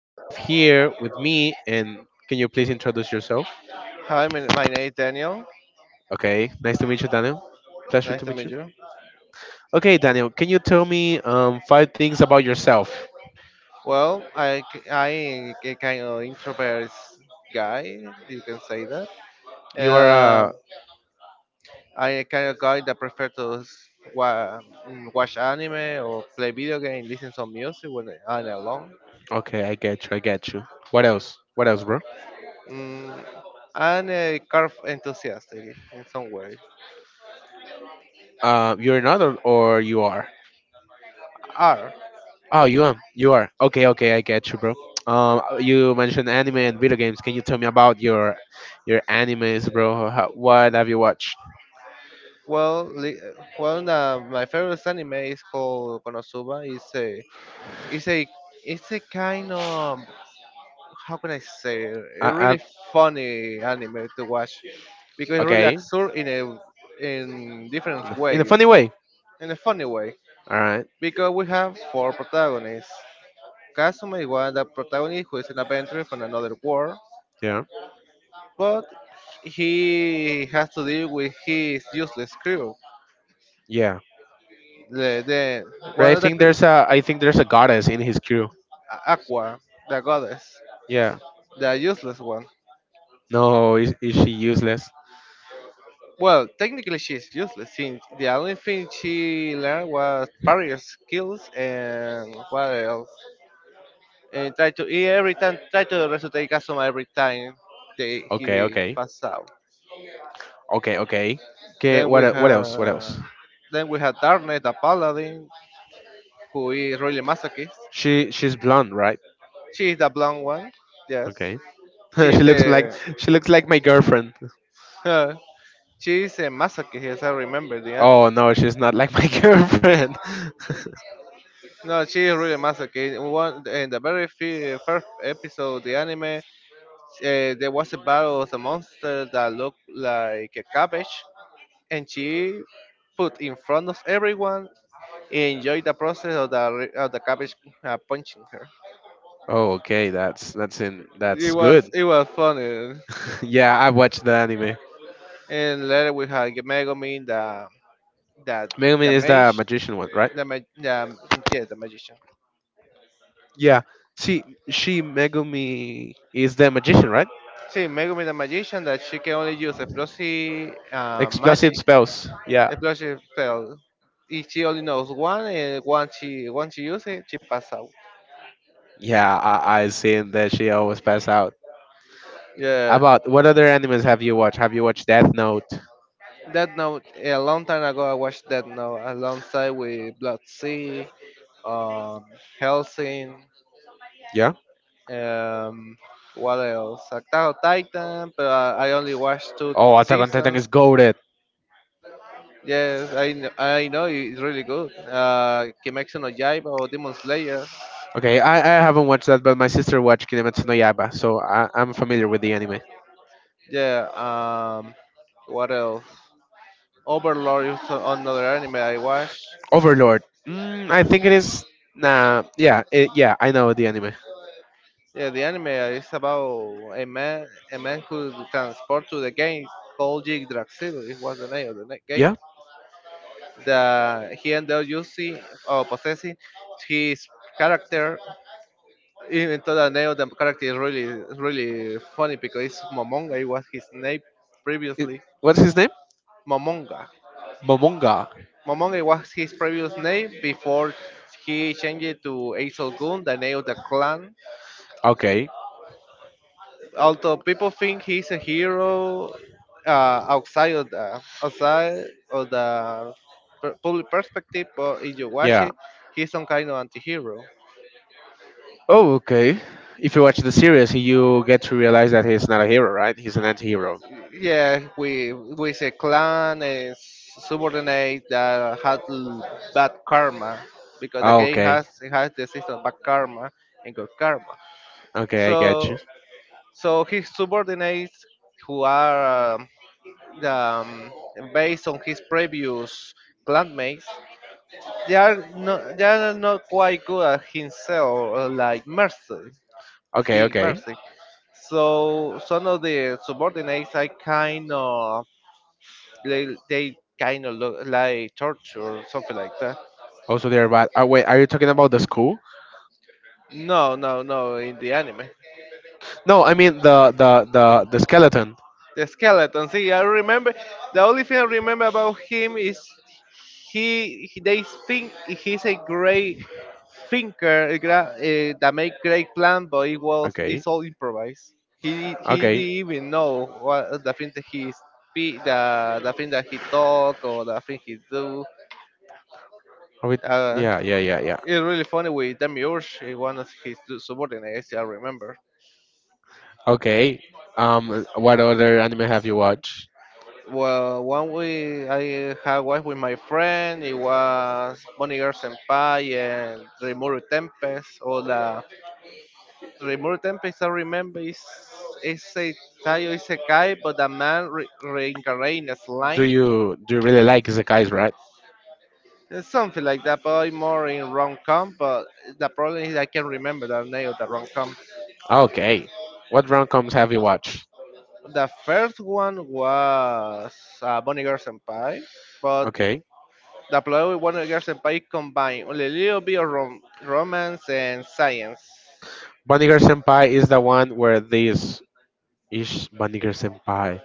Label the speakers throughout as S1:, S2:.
S1: I have here with me, and can you please introduce yourself?
S2: Hi, my name is Daniel.
S1: Okay, nice to meet you, Daniel. Pleasure
S2: Nice
S1: to
S2: to
S1: meet
S2: meet
S1: you.
S2: you.
S1: Okay, Daniel, can you tell me five things about yourself?
S2: I a kind of introvert guy, you can say that.
S1: You are
S2: Um, I a kind of guy that prefer to watch anime or play video game, listen some music when I'm alone.
S1: Okay. I get you. I get you. What else? What else, bro?
S2: Mm, and a car enthusiast in some way.
S1: You're not, or you are?
S2: Art.
S1: Oh, you are. You are. Okay, okay, I get you, bro. You mentioned anime and video games. Can you tell me about your animes, bro? What have you watched?
S2: Well, li- my favorite anime is called Konosuba. It's a it's a it's a kind of, how can I say, a
S1: Uh, uh,
S2: really funny anime to watch because it's really
S1: okay,
S2: absurd in a in different
S1: in a
S2: ways,
S1: funny way.
S2: in a funny way,
S1: All right.
S2: because we have four protagonists. Kazuma is one of the protagonist who is an adventurer from another world,
S1: Yeah.
S2: but he has to deal with his useless crew.
S1: Yeah.
S2: The
S1: But
S2: one of the cre-
S1: I think there's a goddess in his crew.
S2: Aqua, the goddess,
S1: Yeah.
S2: the useless one.
S1: No, is she useless?
S2: Well, technically she's useless since the only thing she learned was parry skills, and what else? And try to he every time try to resuscitate Kazuma every time they
S1: Okay,
S2: he
S1: okay,
S2: pass out.
S1: okay, okay. Okay.
S2: Then we
S1: What else? What else?
S2: have then we have Darknet, the paladin, who is really masochist.
S1: She's blonde, right?
S2: She is the blonde one, yes.
S1: Okay.
S2: She
S1: she
S2: is
S1: looks like
S2: a
S1: she looks like my girlfriend.
S2: huh, she is a masochist, yes, I remember the
S1: Oh
S2: anime.
S1: no, she's not like my girlfriend.
S2: No, she is really masochist. One in the first episode of the anime, there was a battle of a monster that looked like a cabbage, and she put in front of everyone and enjoyed the process of the of the cabbage punching her.
S1: Oh, okay, that's that's in that's good.
S2: It was funny.
S1: Yeah, I watched the anime.
S2: And later we had Megumin, the the
S1: Megumi
S2: the
S1: is the
S2: mage,
S1: magician one, right?
S2: the yeah, the magician.
S1: Yeah. See, she Megumi is the magician, right?
S2: See, Megumi the magician that she can only use explosive
S1: Explosive
S2: magic,
S1: spells. Yeah.
S2: explosive spells. If she only knows one, and once she uses it, she passes out.
S1: Yeah, I seen that she always pass out.
S2: Yeah,
S1: About what other animes have you watched? Have you watched Death Note?
S2: Death Note. Yeah, a long time ago, I watched Death Note alongside with Blood Sea, um, Helsing,
S1: Yeah.
S2: um, what else? Attack on Titan. But I only watched two
S1: Oh, Attack on Titan
S2: seasons.
S1: is goaded.
S2: Yes, I know it's really good. Kimetsu no Yaiba or Demon Slayer.
S1: Okay, I haven't watched that, but my sister watched Kimetsu no Yaiba, so I'm familiar with the anime.
S2: Yeah. Um, what else? Overlord is another anime I watched.
S1: Overlord. Mm, I think it is. Nah, yeah, yeah, I know the anime.
S2: Yeah, the anime is about a man, a man who transports to the games called Yggdrasil. It was the name of the game.
S1: Yeah.
S2: That he ended up using or possessing his character. Even though the name of the character is really funny because it's Momonga. It was his name
S1: It,
S2: previously.
S1: what's his name?
S2: Momonga.
S1: Momonga.
S2: Momonga was his previous name before he changed it to Aesop Gun, the name of the clan,
S1: Okay.
S2: although people think he's a hero, outside of the of the public perspective, but if you watch
S1: Yeah.
S2: it, he's some kind of anti-hero.
S1: Oh, okay. If you watch the series, you get to realize that he's not a hero, right? He's an anti-hero.
S2: Yeah, we with a clan and subordinate that had bad karma because the
S1: Oh,
S2: game
S1: okay.
S2: has it has the system of bad karma and good karma.
S1: Okay, I get
S2: So
S1: you.
S2: so his subordinates who are the, um, based on his previous clanmates. They are not quite good at himself, like Mercy.
S1: Okay,
S2: He,
S1: okay.
S2: Mercy. So some of the subordinates I kind of, they kind of look like torture or something like that.
S1: Also, there about. Oh, wait. Are you talking about the school?
S2: No, no, no. In the anime,
S1: No, I mean the skeleton.
S2: the skeleton. See, I remember. The only thing I remember about him is they think he's a great thinker, that make great plan, but
S1: Okay.
S2: it's all improvised. He didn't
S1: Okay.
S2: even know what the thing that he speak, the thing that he talk or the thing he do.
S1: Are we?
S2: Uh,
S1: Yeah, yeah, yeah, yeah.
S2: it's really funny with Demiurge, eh, one of his two subordinates, I remember.
S1: Okay. What other anime have you watched?
S2: Well, one we I had one with my friend. It was Bonnie Girl Senpai and Rimuru Tempest. All the Rimuru Tempest, I remember, is a Tayo Isekai, but a man reincarnates as
S1: Do
S2: slime.
S1: you do you really like Isekais, right?
S2: Something like that, probably more in rom com, but the problem is I can't remember the name of the rom coms.
S1: Okay. What rom-coms have you watched?
S2: The first one was Bonnie Girl Senpai, but
S1: Okay.
S2: the plot with Bonnie Girl Senpai combined only a little bit of romance and science.
S1: Vinegar Senpai is the one where this is Vinegar Senpai.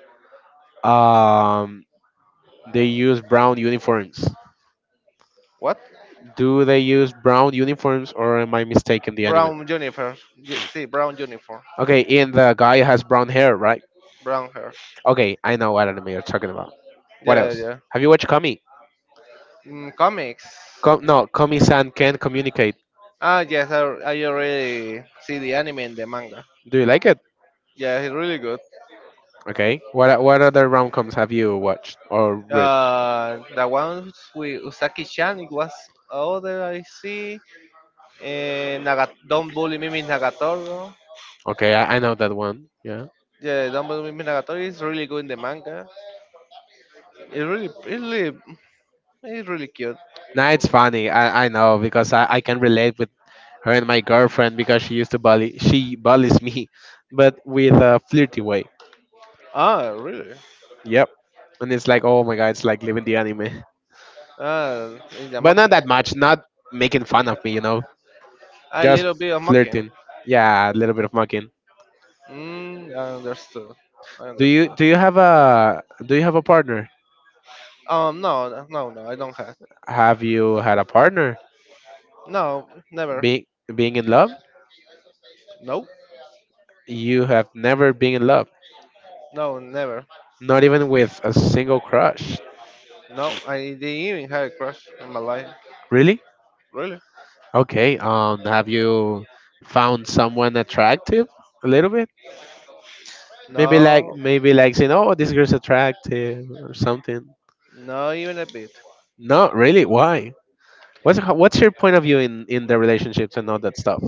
S1: Um, they use brown uniforms.
S2: What?
S1: Do they use brown uniforms or am I mistaken the anime?
S2: Brown uniform. See, brown uniform.
S1: Okay, and the guy has brown hair, right?
S2: Brown hair.
S1: Okay, I know what anime you're talking about. What
S2: Yeah,
S1: else?
S2: yeah.
S1: Have you watched Kami?
S2: Yeah. Mm, comics.
S1: No, Kami-san can communicate.
S2: Ah, yes, I already see the anime and the manga.
S1: Do you like it?
S2: Yeah, it's really good.
S1: Okay. What other rom-coms have you watched or read?
S2: The ones with Usaki-chan, it was other I see. And Naga, Don't Bully Me Miss Nagatoro.
S1: Okay, I know that one. Yeah.
S2: Yeah, Don't Bully Me Miss Nagatoro is really good in the manga. It really, it's really, it's really cute.
S1: Nah, it's funny. I know because I can relate her and my girlfriend because she used to bully she bullies me but with a flirty way.
S2: Ah, really?
S1: Yep. And it's like, oh my God, it's like living the anime,
S2: Ah, in the
S1: but
S2: mocking.
S1: not that much, not making fun of me,
S2: A
S1: just
S2: little bit of mocking.
S1: flirting. Yeah, a little bit of mocking.
S2: Mm, I understood. I
S1: do you
S2: understood.
S1: do you have a do you have a partner?
S2: No, no, no, I don't have.
S1: Have you had a partner?
S2: No, never.
S1: Being being in love?
S2: Nope.
S1: You have never been in love?
S2: No, never.
S1: Not even with a single crush?
S2: No, I didn't even have a crush in my life.
S1: Really?
S2: Really?
S1: Okay. Have you found someone attractive? A little bit? Maybe like,
S2: No,
S1: saying, "Oh, this girl's attractive" or something.
S2: not even a bit.
S1: No, really, why? What's your point of view in the relationships and all that stuff?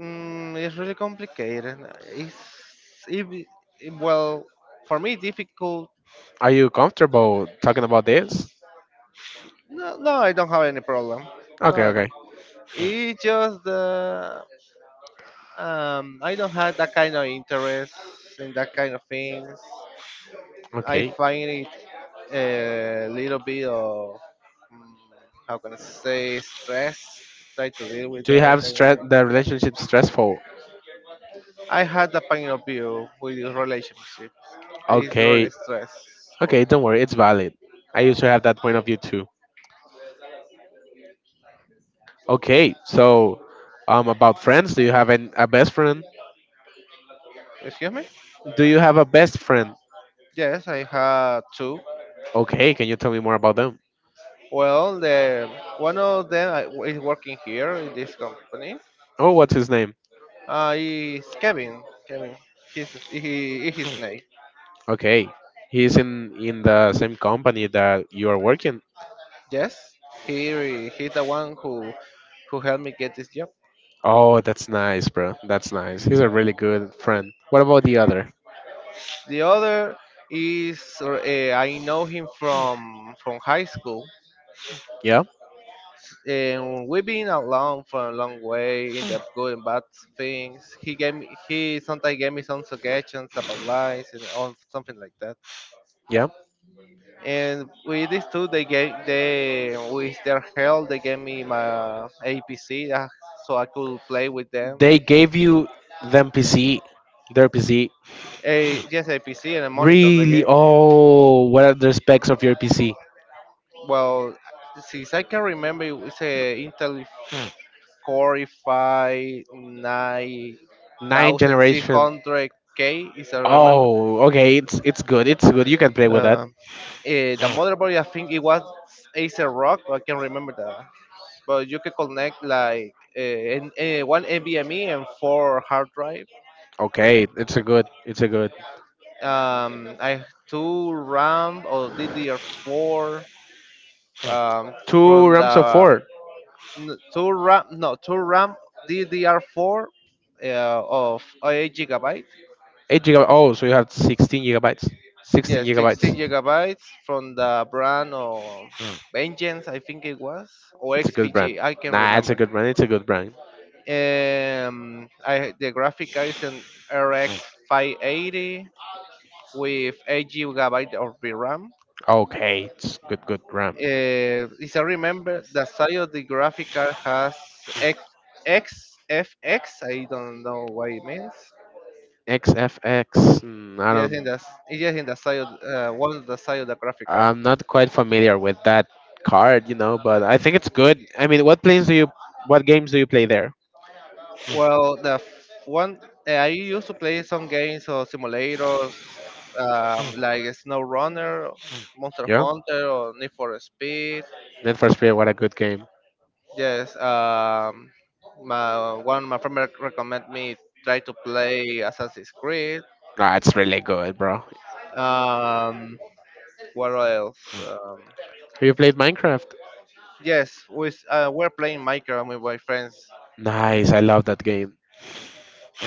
S2: Mm, it's really complicated. It's if it- well, for me difficult.
S1: Are you comfortable talking about this?
S2: No, no, I don't have any problem.
S1: Okay,
S2: No,
S1: okay,
S2: it's just I don't have that kind of interest in that kind of things. I
S1: okay.
S2: find it a little bit of, mm, how can I say, stress to try to deal with
S1: Do you
S2: that
S1: have
S2: kind of
S1: stress?
S2: thing.
S1: The relationship stressful?
S2: I had a point of view with relationships. It's
S1: Okay,
S2: really
S1: okay.
S2: stressful.
S1: Don't worry, it's valid. I used to have that point of view too. Okay, so about friends, do you have a best friend?
S2: Excuse me?
S1: Do you have a best friend?
S2: Yes, I had two.
S1: Okay, can you tell me more about them?
S2: Well, the one of them I- is working here in this company.
S1: Oh, what's his name?
S2: Is Kevin. Kevin. He his name.
S1: Okay. He's in the same company that you are working.
S2: Yes, he's the one who helped me get this job.
S1: Oh, that's nice, bro. That's nice. He's a really good friend. What about the other?
S2: The other is I know him from high school,
S1: Yeah.
S2: and we've been along for a long way in the good and bad things. He sometimes gave me some suggestions about lies and on something like that.
S1: Yeah.
S2: And with these two, they gave they with their help they gave me my APC, so I could play with them.
S1: They gave you them PC, their PC.
S2: A just APC and a monitor they
S1: Really?
S2: gave me.
S1: Oh, what are the specs of your PC?
S2: Well, since I can remember, it was a Intel
S1: Nine generation.
S2: 9600 k is I remember.
S1: Oh, okay. It's good. It's good. You can play with that.
S2: Uh, the motherboard, I think it was Acer Rock, I can remember that. But you can connect like one NVMe and 4 hard drive.
S1: Okay. It's a good. It's a good.
S2: I 2 RAM or DDR4, um, from
S1: Two
S2: the
S1: RAMs of four.
S2: 2 RAM, no, 2 RAM DDR4, uh, 8 gigabyte.
S1: 8 gigabytes. Oh, so you have 16 gigabytes. Sixteen
S2: Yes,
S1: gigabytes.
S2: 16 gigabytes from the brand of
S1: Mm.
S2: Vengeance, I think it was, or
S1: It's a good brand.
S2: XPG, I can
S1: Nah, it's a
S2: remember.
S1: good brand. It's a good brand.
S2: The graphic card is an RX
S1: Mm.
S2: 580 with 8 gigabyte of VRAM.
S1: Okay, it's good, good RAM.
S2: If I remember, the size of the graphic card has X, XFX, I don't know what it means.
S1: XFX. I
S2: Yes, in the
S1: don't.
S2: yes, in the side of, one of the side of the graphic card.
S1: I'm not quite familiar with that card, but I think it's good. I mean, what planes do you? What games do you play there? Mm.
S2: Well, the f- one I used to play some games or simulators, like Snow Runner, Monster
S1: Yeah,
S2: Hunter, or Need for Speed.
S1: Need for Speed. What a good game.
S2: Yes, my one of my friend recommend me try to play Assassin's Creed.
S1: Nah, it's really good, bro.
S2: Um, what else?
S1: Have you played Minecraft?
S2: Yes, we're playing Minecraft with my friends.
S1: Nice. I love that game.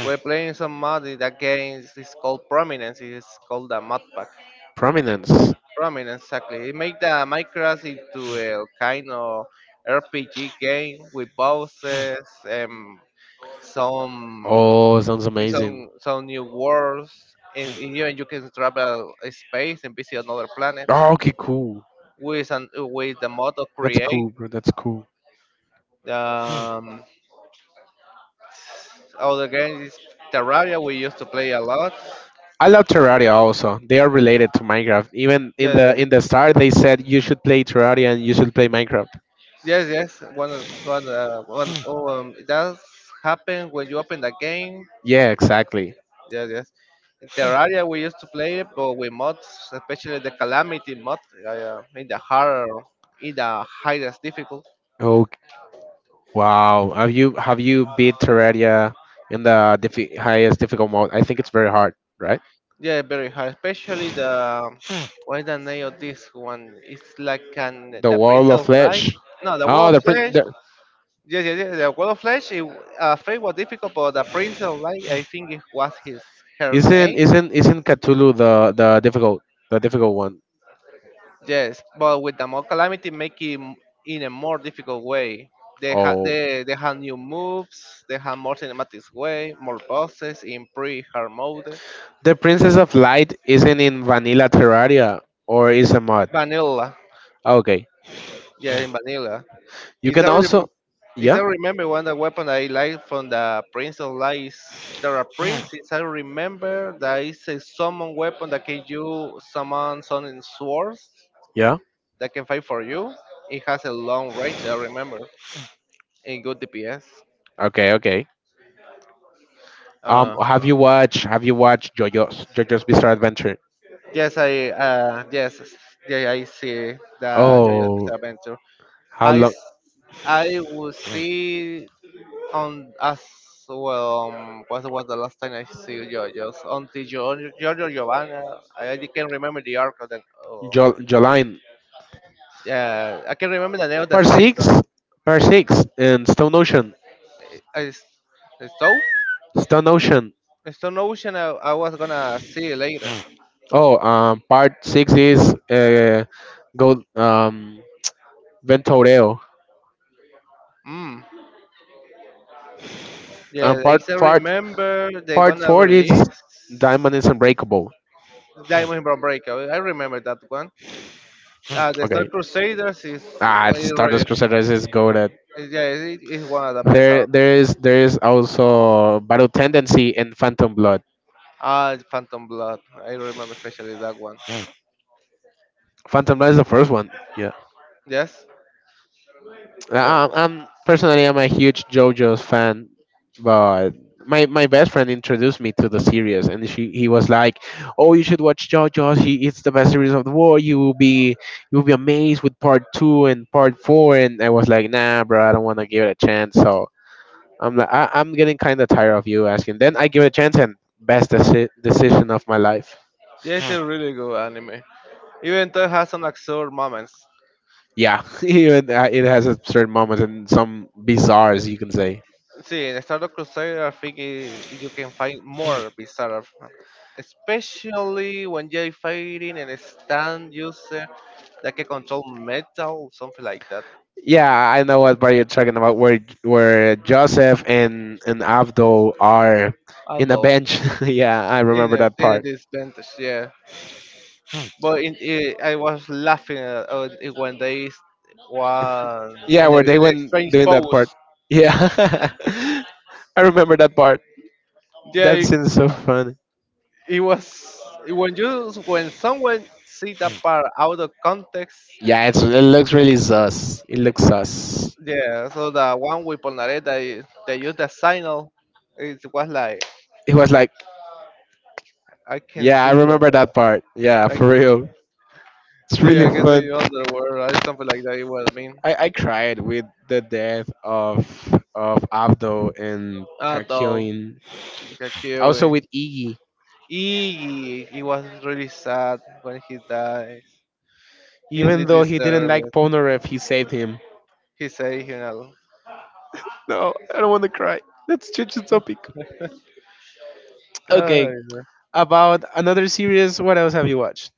S2: We're playing some mod in that game. It's called Prominence. It's called the mod pack.
S1: Prominence.
S2: Ramen, exactly. It made the Minecraft into a kind of RPG game with bosses and some
S1: Oh, sounds amazing.
S2: some new worlds, and even you can travel in space and visit another planet
S1: Oh, okay, cool.
S2: with the mod of
S1: That's
S2: create.
S1: cool, bro. That's cool.
S2: Um, other games is Terraria. We used to play a lot.
S1: I love Terraria also. They are related to Minecraft. Even in the
S2: Yeah,
S1: in the start, they said you should play Terraria and you should play Minecraft.
S2: yes, yes. One, of- one, one. Of- Oh, That's happened when you open the game.
S1: Yeah, exactly.
S2: Yes, yes. In Terraria, we used to play it, but with mods, especially the Calamity mod, uh, uh, in the hard, in the highest difficult.
S1: Oh wow! Have you beat Terraria in the highest difficult mode? I think it's very hard, right?
S2: Yeah, very hard. Especially the, um, what is the name of this one? It's like an
S1: The
S2: the
S1: Wall of
S2: Princess Lie.
S1: Flesh.
S2: No, the Wall
S1: Oh,
S2: of Flesh. Yeah, yeah, yeah. The Wall of Flesh. Faith was difficult, but the Princess Lie, I think it was his her
S1: Isn't
S2: name.
S1: isn't isn't Cthulhu the difficult one?
S2: Yes, but with the more calamity, make it in a more difficult way.
S1: Oh,
S2: They have new moves. They have more cinematic way, more bosses in pre-hard mode.
S1: the Princess of Light isn't in vanilla Terraria or is a mod?
S2: Vanilla,
S1: Okay,
S2: yeah, in vanilla.
S1: you
S2: It's
S1: can
S2: a
S1: also,
S2: rem- it's, I
S1: yeah.
S2: remember one of the weapon I like from the Prince of Lies, Terra Prince. It's, I remember that it's a summon weapon that can you summon swords
S1: Yeah.
S2: that can fight for you. It has a long range. I remember in good DPS.
S1: Okay. Okay. Have
S2: Uh-huh.
S1: you watched Have you watched JoJo's Bizarre Adventure?
S2: Yes, yeah, I see the JoJo's
S1: Oh,
S2: Bizarre Adventure.
S1: how
S2: I
S1: long?
S2: s- I will see on as well. What was the last time I see JoJo's? Until Giorgio Giovanna, I can't remember the arc of the. Oh,
S1: Jo Jolene.
S2: yeah, I can remember the name of the
S1: Part six.
S2: season.
S1: Part six in Stone Ocean.
S2: Is so,
S1: Stone Ocean.
S2: Stone Ocean. I was gonna see later.
S1: Oh, part six is go Ventoreo.
S2: Mm.
S1: Um,
S2: Yeah, they
S1: part
S2: still
S1: part
S2: remember they're
S1: part
S2: gonna
S1: four is
S2: release.
S1: Diamond is Unbreakable.
S2: Diamond Brown Breakout. I remember that one. The Star
S1: Okay.
S2: Crusaders is
S1: Ah,
S2: really,
S1: Stardust Crusaders is goaded.
S2: yeah, it is one of the best
S1: There,
S2: arc.
S1: there is, there is also Battle Tendency and Phantom Blood.
S2: Ah, Phantom Blood. I remember especially that one.
S1: Mm. Phantom Knight is the first one. Yeah.
S2: Yes, it does.
S1: I'm a huge JoJo's fan, but my best friend introduced me to the series, and she he was like, "Oh, you should watch JoJo's. It's the best series of the war. You will be amazed with part two and part four." And I was like, "Nah, bro, I don't want to give it a chance." So I'm like, I'm getting kind of tired of you asking. Then I give it a chance, and best decision of my life.
S2: Yes, it's a
S1: Mm.
S2: really good anime. Even though it has some absurd moments.
S1: Yeah, even it has a certain moments and some bizarres you can say.
S2: See, in Star Wars Crusader, I think I you can find more bizarre, especially when you're fighting and stand user that can control metal, something like that.
S1: Yeah, I know what bar you're talking about, where Joseph and Abdul are in a
S2: Although
S1: bench. Yeah, I
S2: in
S1: remember
S2: a
S1: that
S2: in a
S1: part.
S2: disadvantage, yeah. But in, I was laughing at, when they s- one
S1: Yeah,
S2: in a,
S1: where they
S2: in a
S1: went
S2: strange
S1: doing that
S2: pose.
S1: part. Yeah, I remember that part.
S2: Yeah,
S1: That
S2: it,
S1: seems so funny.
S2: it was when you when someone see that part out of context.
S1: Yeah, it looks really sus. It looks sus.
S2: Yeah, so the one with Polnareff they used the signal. It was like
S1: It was like,
S2: I can
S1: yeah, I
S2: see you,
S1: remember that part. Yeah,
S2: like
S1: for real, it's really
S2: yeah, I can see
S1: fun.
S2: your underwear or something like that. It was mean
S1: I cried with the death of Abdul and
S2: at all.
S1: Kakyoin.
S2: Like, a
S1: Also with
S2: killing.
S1: Iggy.
S2: He It was really sad when he dies.
S1: Even
S2: Hindi
S1: though he didn't
S2: deserve
S1: like
S2: it.
S1: Ponorev, he saved him.
S2: He's a hero.
S1: No, I don't want to cry. Let's change the topic.
S2: Oh,
S1: Okay,
S2: yeah.
S1: about another series, what else have you watched?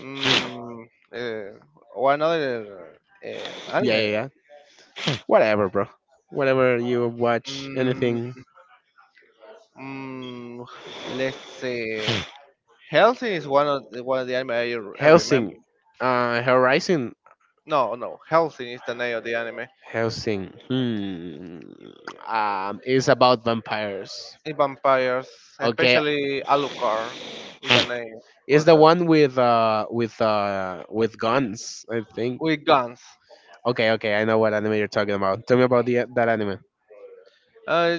S2: Mm, uh, one other
S1: Yeah,
S2: animal.
S1: yeah, yeah. Whatever, bro. Whatever you watch,
S2: Mm,
S1: anything.
S2: mm, let's say Helsing is one of the anime I
S1: Helsing.
S2: remember.
S1: Horizon.
S2: No, no, Helsing is the name of the anime.
S1: Helsing. Hmm. It's about vampires.
S2: In vampires,
S1: Okay,
S2: especially Alucard, is the name
S1: it's
S2: of
S1: the
S2: the
S1: one with guns, I think.
S2: with guns.
S1: Okay, okay, I know what anime you're talking about. Tell me about the that anime.
S2: Uh,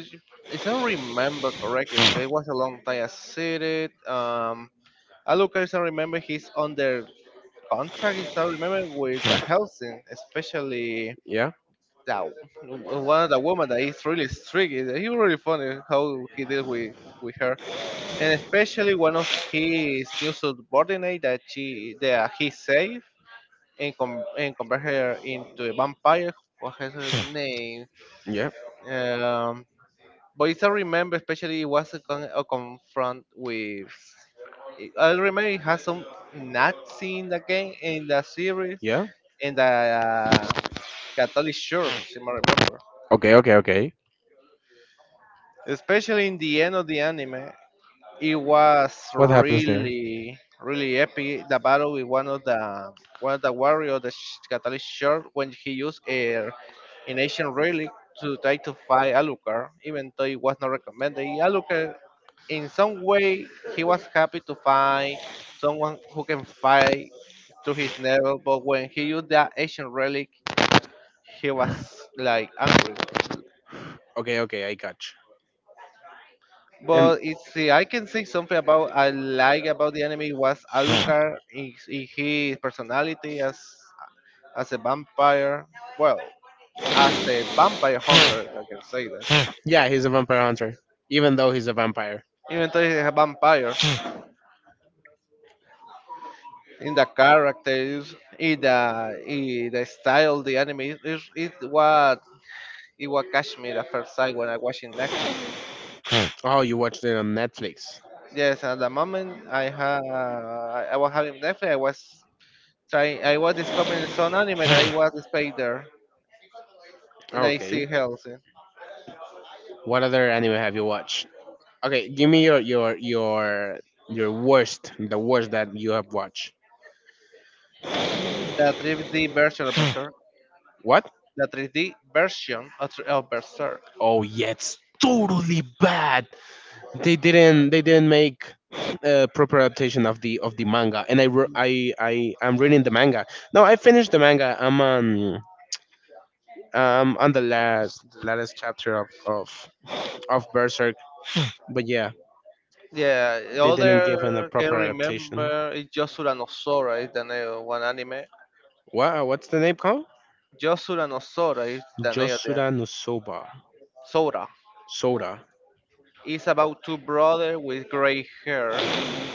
S2: if I remember correctly, because it was a long time I seen it. Alucard, as I remember, he's under contract. As I remember with the Helsing, especially
S1: Yeah,
S2: the one of the woman that is really strict. He's really funny how he deal with her, and especially one of his new subordinate that he saved and convert her into a vampire. What is her name?
S1: yeah,
S2: Um, But it's I remember, especially it was a confront with. I remember it has some Nazi in the game in the series
S1: yeah.
S2: in the Catholic Church. If I remember,
S1: Okay, okay, okay.
S2: especially in the end of the anime. It was
S1: What happens there?
S2: really, really epic. The battle with one of the warriors, Catholic Church, when he used an ancient relic to try to fight Alucard, even though it was not recommended. Alucard, in some way, he was happy to find someone who can fight to his level, but when he used that ancient relic, he was like angry.
S1: Okay, okay, I got you.
S2: But it's see, I can say something about I like about the anime was
S1: And
S2: Alucard in his personality as a vampire. Well, as a vampire hunter, I can say that.
S1: yeah, he's a vampire hunter, even though he's a vampire.
S2: Even though he's a vampire, in the characters, in the style, the anime is what it what catch me the first time when I watching Netflix.
S1: Oh, you watched it on Netflix.
S2: Yes, at the moment I was having Netflix, I was discovering some anime that I was displayed there. And I
S1: Okay.
S2: see Helsing.
S1: What other anime have you watched? Okay, give me your worst, the worst that you have watched.
S2: The 3D version of Berserk.
S1: What?
S2: The 3D version of Berserk.
S1: Oh, yeah, it's totally bad. They didn't make a proper adaptation of the manga, and I re- I am reading the manga. No, I finished the manga. I'm on the last chapter of Berserk. But yeah,
S2: Yeah, the
S1: they didn't give in a
S2: other I
S1: proper adaptation.
S2: remember is Yosura no Sora is the name of one anime.
S1: Wow, what's the name called?
S2: Yosura no Sora is the name of the anime.
S1: Josura no soba.
S2: Sora.
S1: Soda.
S2: It's about two brothers with gray hair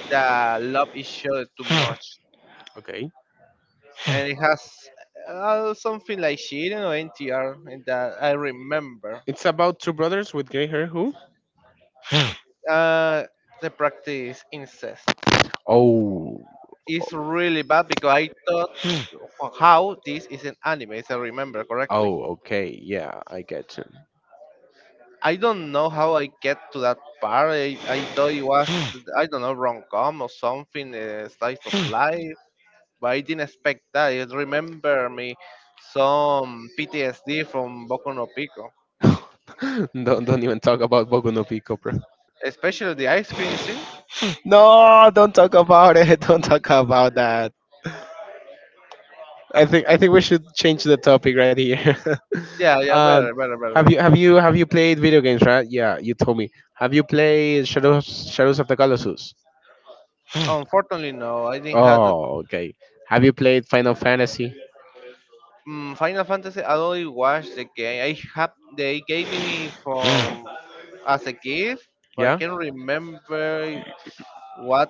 S2: that love each other too much.
S1: Okay,
S2: And it has something like Shiren or NTR in that I remember.
S1: it's about two brothers with gray hair who.
S2: Uh, they practice incest.
S1: Oh.
S2: It's really bad because I thought how this is an anime, if I remember correctly.
S1: Oh, okay, yeah, I get
S2: I don't know how I get to that part. I thought it was, I don't know, rom com or something, slice of life, but I didn't expect that. It remember me some PTSD from Boku no Pico,
S1: you. Don't even talk about Boku no Pico, bro.
S2: especially the ice cream scene.
S1: No, don't talk about it. Don't talk about that. I think we should change the topic right here.
S2: Yeah, yeah,
S1: um,
S2: better, better,
S1: have
S2: better.
S1: you have you have you played video games, right? Yeah, you told me. Have you played Shadows of the Colossus?
S2: Unfortunately, no, I didn't have the
S1: Oh, okay. Have you played Final Fantasy?
S2: Final Fantasy, I only watched the game. I have they gave me from as a gift, but I
S1: Yeah.
S2: can't remember what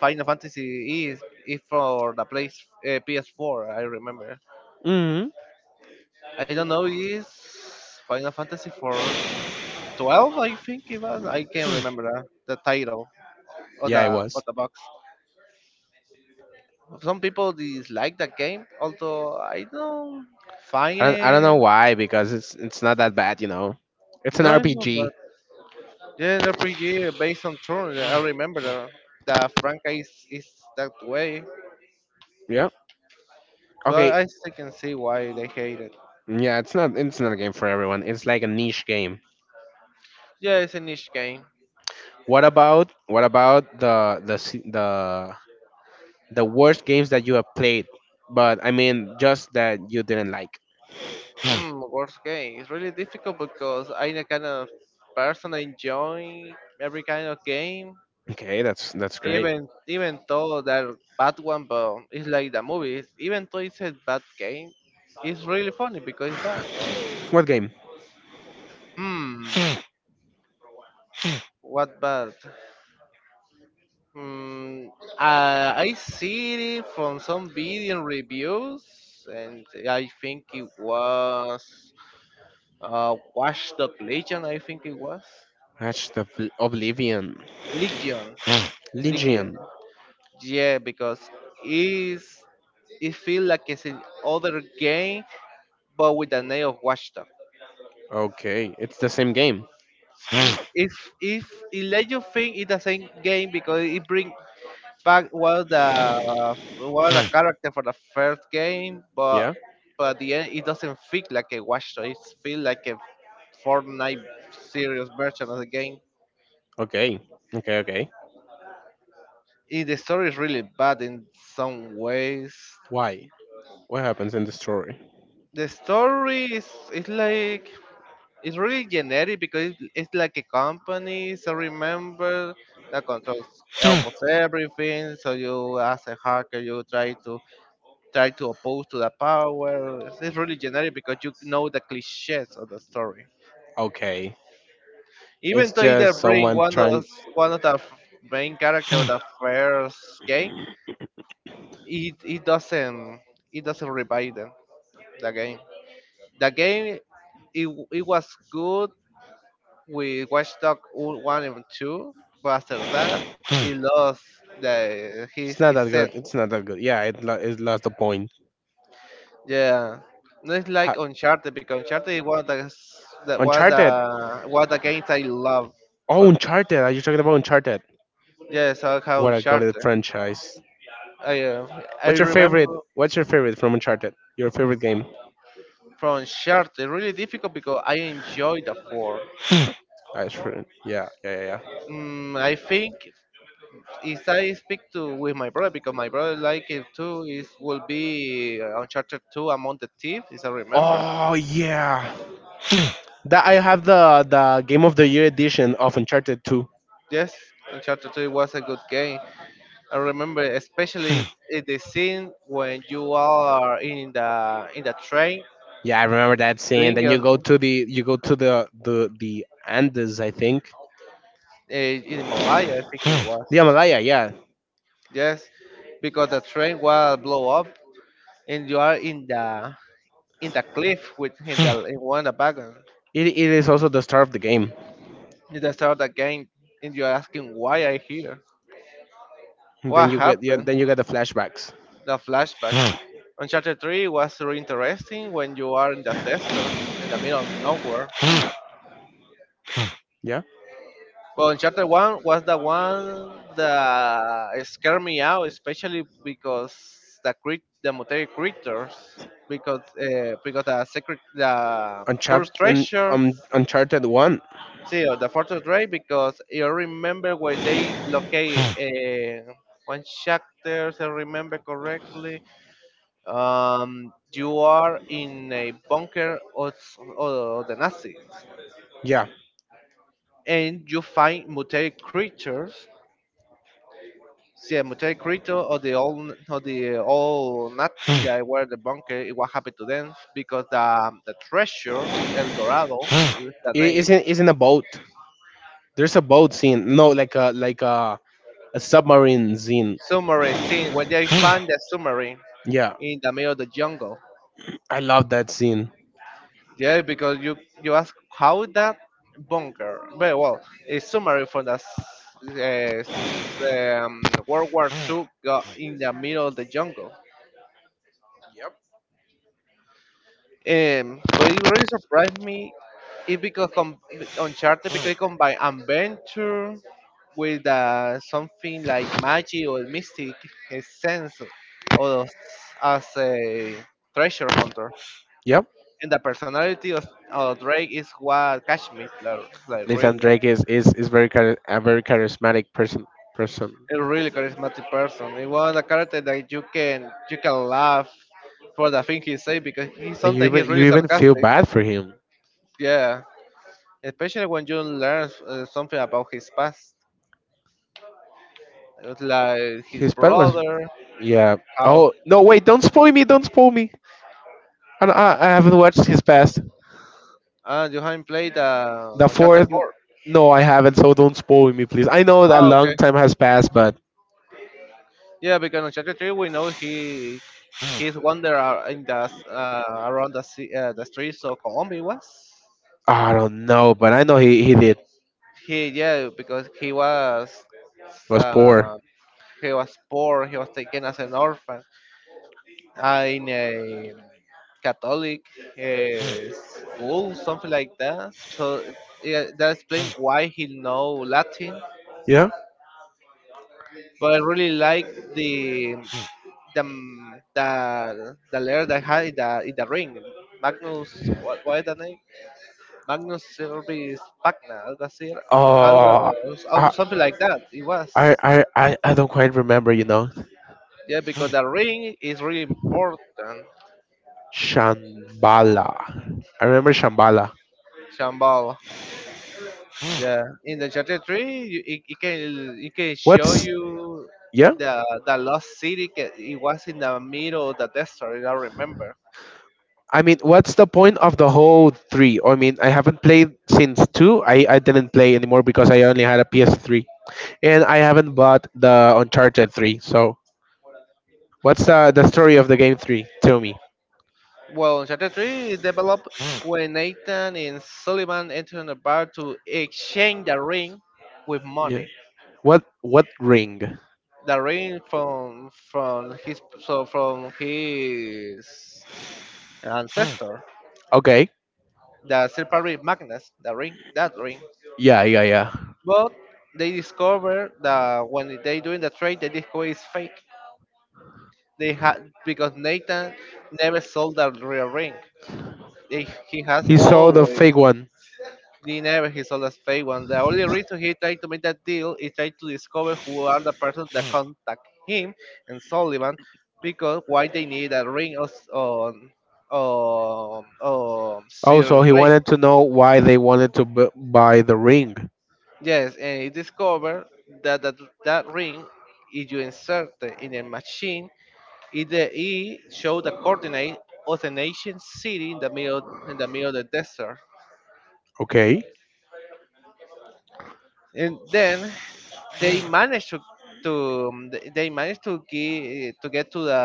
S2: Final Fantasy is. If for the place PS4, I remember.
S1: Hmm.
S2: I don't know. Is Final Fantasy for 12? I think it was. I can't remember the title or
S1: Yeah, it
S2: the or
S1: was.
S2: the box. Some people dislike the game, although I don't
S1: I
S2: find
S1: don't, I don't
S2: it.
S1: know why because it's not that bad. It's an
S2: No, no,
S1: RPG.
S2: but yeah, an RPG based on turn. I remember that Franca is that way,
S1: Yeah.
S2: but
S1: Okay.
S2: I still can see why they hate it.
S1: Yeah, it's not a game for everyone. It's like a niche game.
S2: Yeah, it's a niche game.
S1: What about the se- the worst games that you have played, but I mean just that you didn't like?
S2: Worst game. It's really difficult because I'm the kind of person that enjoy every kind of game,
S1: Okay, that's great.
S2: even though they're bad one, but it's like the movies. Even though it's a bad game, it's really funny because it's bad.
S1: What game?
S2: Hmm, what bad? Mm, I see it from some video reviews, and I think it was Watchdog Legion. I think it was
S1: That's the Oblivion.
S2: Legion, Legion.
S1: Legion.
S2: Yeah, because it's it feels like it's an other game, but with the name of Watchdog.
S1: Okay, it's the same game.
S2: Mm, If if it let you think it's the same game because it bring Pac was the was a character for the first game, but
S1: Yeah.
S2: at the end it doesn't feel like a Watch Dogs. It feels like a Fortnite serious version of the game.
S1: Okay. Okay. Okay.
S2: The story is really bad in some ways.
S1: Why? What happens in the story?
S2: The story is it's like it's really generic because it's like a company. So remember that controls almost everything. So you as a hacker, you try to oppose to the power. It's really generic because you know the cliches of the story.
S1: Okay. It's
S2: Even to either
S1: just
S2: bring
S1: someone trying.
S2: one of main character of the first game, it, it doesn't it doesn't revive them the game. The game it was good with Watch Dogs 1 and 2, but after that it lost the
S1: It's
S2: his
S1: not that good.
S2: essence.
S1: It's not that good. Yeah, it lost the point.
S2: Yeah, no, it's like
S1: Ha-
S2: Uncharted because Uncharted is one of the that one of the
S1: Uncharted.
S2: one of the games I love
S1: Oh,
S2: from.
S1: Uncharted. Are you talking about Uncharted?
S2: Yeah, so how
S1: What a goated
S2: Uncharted.
S1: franchise.
S2: I
S1: What's your favorite?
S2: remember
S1: What's your favorite from Uncharted? Your favorite game?
S2: from Uncharted really difficult because I enjoy the four.
S1: I sure. Yeah, yeah, yeah. Yeah.
S2: I think if I speak to with my brother because my brother like it too is will be Uncharted 2 Among the Thieves if I remember.
S1: Oh yeah. That I have the Game of the Year edition of Uncharted 2.
S2: Yes, Uncharted 2 was a good game. I remember especially the scene when you are in the train
S1: Yeah, I remember that scene.
S2: playing
S1: Then you go to the Andes, I think.
S2: in Malaya, I think it was.
S1: The Himalaya, yeah.
S2: Yes, because the train will blow up, and you are in the cliff with in one of the wagon.
S1: It is also the start of the game.
S2: You just start the game, and you're asking why I here,
S1: And then
S2: what
S1: you get, yeah,
S2: happened.
S1: then you get the flashbacks.
S2: The flashback. Uncharted 3 was really interesting when you are in the desert, in the middle of nowhere.
S1: Yeah.
S2: Well, Uncharted 1 was the one that scared me out, especially because the mutated creatures, because the secret, the cursed
S1: Uncharted
S2: treasure,
S1: Uncharted 1.
S2: see, or the fortress Ray, because you remember where they locate one chapter, if I remember correctly, you are in a bunker of the Nazis,
S1: Yeah.
S2: and you find mutated creatures. Yeah, Mutai Crito or the old Nazi that were the bunker. It, what happened to them? Because the treasure El Dorado is the
S1: It is
S2: name.
S1: in is in a boat. There's a boat scene. No, like a submarine scene.
S2: Submarine scene when they find the submarine
S1: Yeah,
S2: in the middle of the jungle.
S1: I love that scene.
S2: Yeah, because you ask how that bunker. Very well, a submarine from World War II got in the middle of the jungle.
S1: Yep.
S2: But it really surprised me. It because com- Uncharted because it combine adventure with something like magic or mystic sense or as a treasure hunter.
S1: Yep.
S2: And the personality of Drake is what catch me, like,
S1: Nathan
S2: really,
S1: Drake is a very charismatic person,
S2: a really charismatic person. He was a character that you can laugh for the thing he say because he
S1: and you
S2: sometimes he's
S1: even you
S2: really
S1: even feel
S2: sarcastic.
S1: bad for him.
S2: Yeah, especially when you learn something about his past. It's like his
S1: His pet was,
S2: brother.
S1: yeah.
S2: How?
S1: Oh no, wait! Don't spoil me! Don't spoil me! I don't- I haven't watched his past.
S2: Ah, Johan played
S1: The
S2: Uncharted
S1: fourth,
S2: 4.
S1: no, I haven't. So don't spoil me, please. I know that a
S2: Ah,
S1: long
S2: okay.
S1: time has passed, but
S2: Yeah, because Uncharted 3, we know he's wander around the sea, the streets of Colombia was.
S1: I don't know. But I know he did.
S2: He yeah, because
S1: He was
S2: uh,
S1: poor.
S2: he was poor. He was taken as an orphan in a Catholic school, something like that. So yeah, that explains why he know Latin,
S1: Yeah.
S2: but I really like the the mm, the layer that had in the ring. Magnus, what is the name? Magnus Service Pagna, algo así, era. algo,
S1: Oh,
S2: Algo
S1: I
S2: something like that. It was
S1: I don't quite remember, you know.
S2: yeah because the ring is really important.
S1: Shambhala. I remember Shambhala.
S2: Shambhala. Yeah, in the chapter 3, you, it, it can show
S1: What's,
S2: you
S1: yeah?
S2: the the lost city. It was in the middle of the desert. I remember.
S1: I mean, what's the point of the whole three? I mean, I haven't played since two. I didn't play anymore because I only had a PS3, and I haven't bought the Uncharted 3. So what's the story of the game 3? Tell me.
S2: Well, Uncharted 3 is developed when Nathan and Sullivan enter a bar to exchange the ring with
S1: Yeah.
S2: money.
S1: What ring?
S2: The ring from his ancestor,
S1: Okay.
S2: the Serpent Magnus, the ring, that ring.
S1: Yeah, yeah, yeah.
S2: But they discover that when they doing the trade, they discover it's fake. They had because Nathan never sold the real ring. He has
S1: He saw the
S2: always.
S1: fake one.
S2: He never his oldest as fake one. The only reason he tried to make that deal is trying to discover who are the person that contact him and Sullivan because why they need a ring of on Sir
S1: Also, he
S2: Drake.
S1: wanted to know why they wanted to buy the ring.
S2: Yes, and he discovered that that, that ring, if you insert it in a machine, it show the coordinate of an ancient city in the middle of the desert.
S1: Okay.
S2: And then they managed to they managed to get to the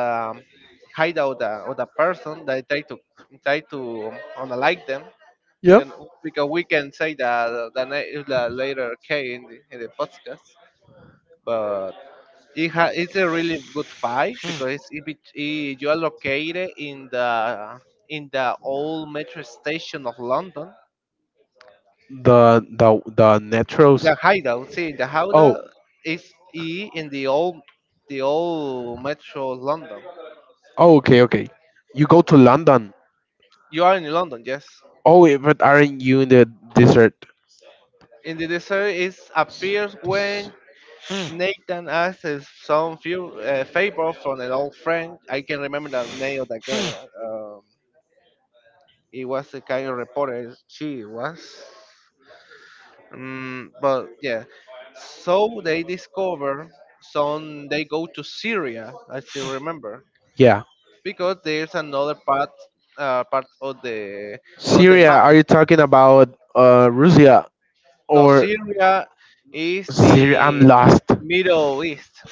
S2: hideout of the person that try to unlike them.
S1: Yep.
S2: Because we can say that the later K in in the podcast, but it's a really good fight because it's, it, bet- it, you are located in the old metro station of London.
S1: The metros.
S2: The hideout, see, the
S1: Oh.
S2: hideout is E in the old metro London.
S1: Oh. Okay. Okay. You go to London.
S2: You are in London, yes.
S1: Oh, wait, but aren't you in the desert?
S2: In the desert, it appears
S1: S-
S2: when Nathan asks some few favor from an old friend. I can remember the name of the girl. It was the kind of reporter she was. Mm, but yeah, so they discover some. They go to Syria, I still remember.
S1: Yeah.
S2: Because there's another part part of the
S1: Syria.
S2: map.
S1: Are you talking about Russia
S2: No,
S1: or
S2: Syria is
S1: Syria? I'm
S2: in
S1: lost.
S2: Middle East.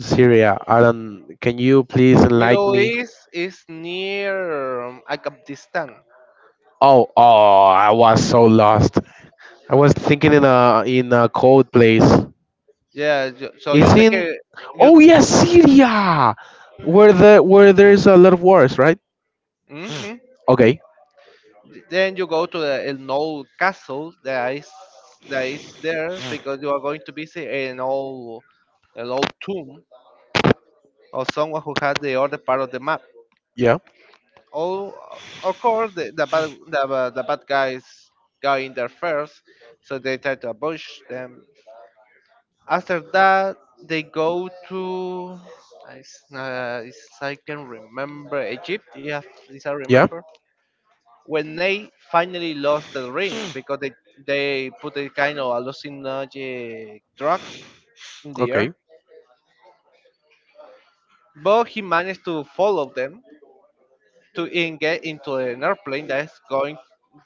S1: Syria. I don't. Can you please enlighten
S2: Middle
S1: me?
S2: East is near Afghanistan.
S1: Oh. Oh. I was so lost. I was thinking in a cold place.
S2: Yeah, so you
S1: It's
S2: take
S1: in.
S2: a you
S1: Oh yeah, Syria. Where there's a lot of wars, right?
S2: hmm,
S1: Okay.
S2: then you go to the an old castle that is there because you are going to visit an old tomb of someone who has the other part of the map.
S1: Yeah.
S2: All of course the bad the bad guys go in there first, so they try to ambush them. After that they go to I s- is I can remember Egypt, yeah, if I
S1: Yeah.
S2: remember, when they finally lost the ring because they put a kind of hallucinogenic drug in the
S1: Okay.
S2: air, but he managed to follow them to get into an airplane that's going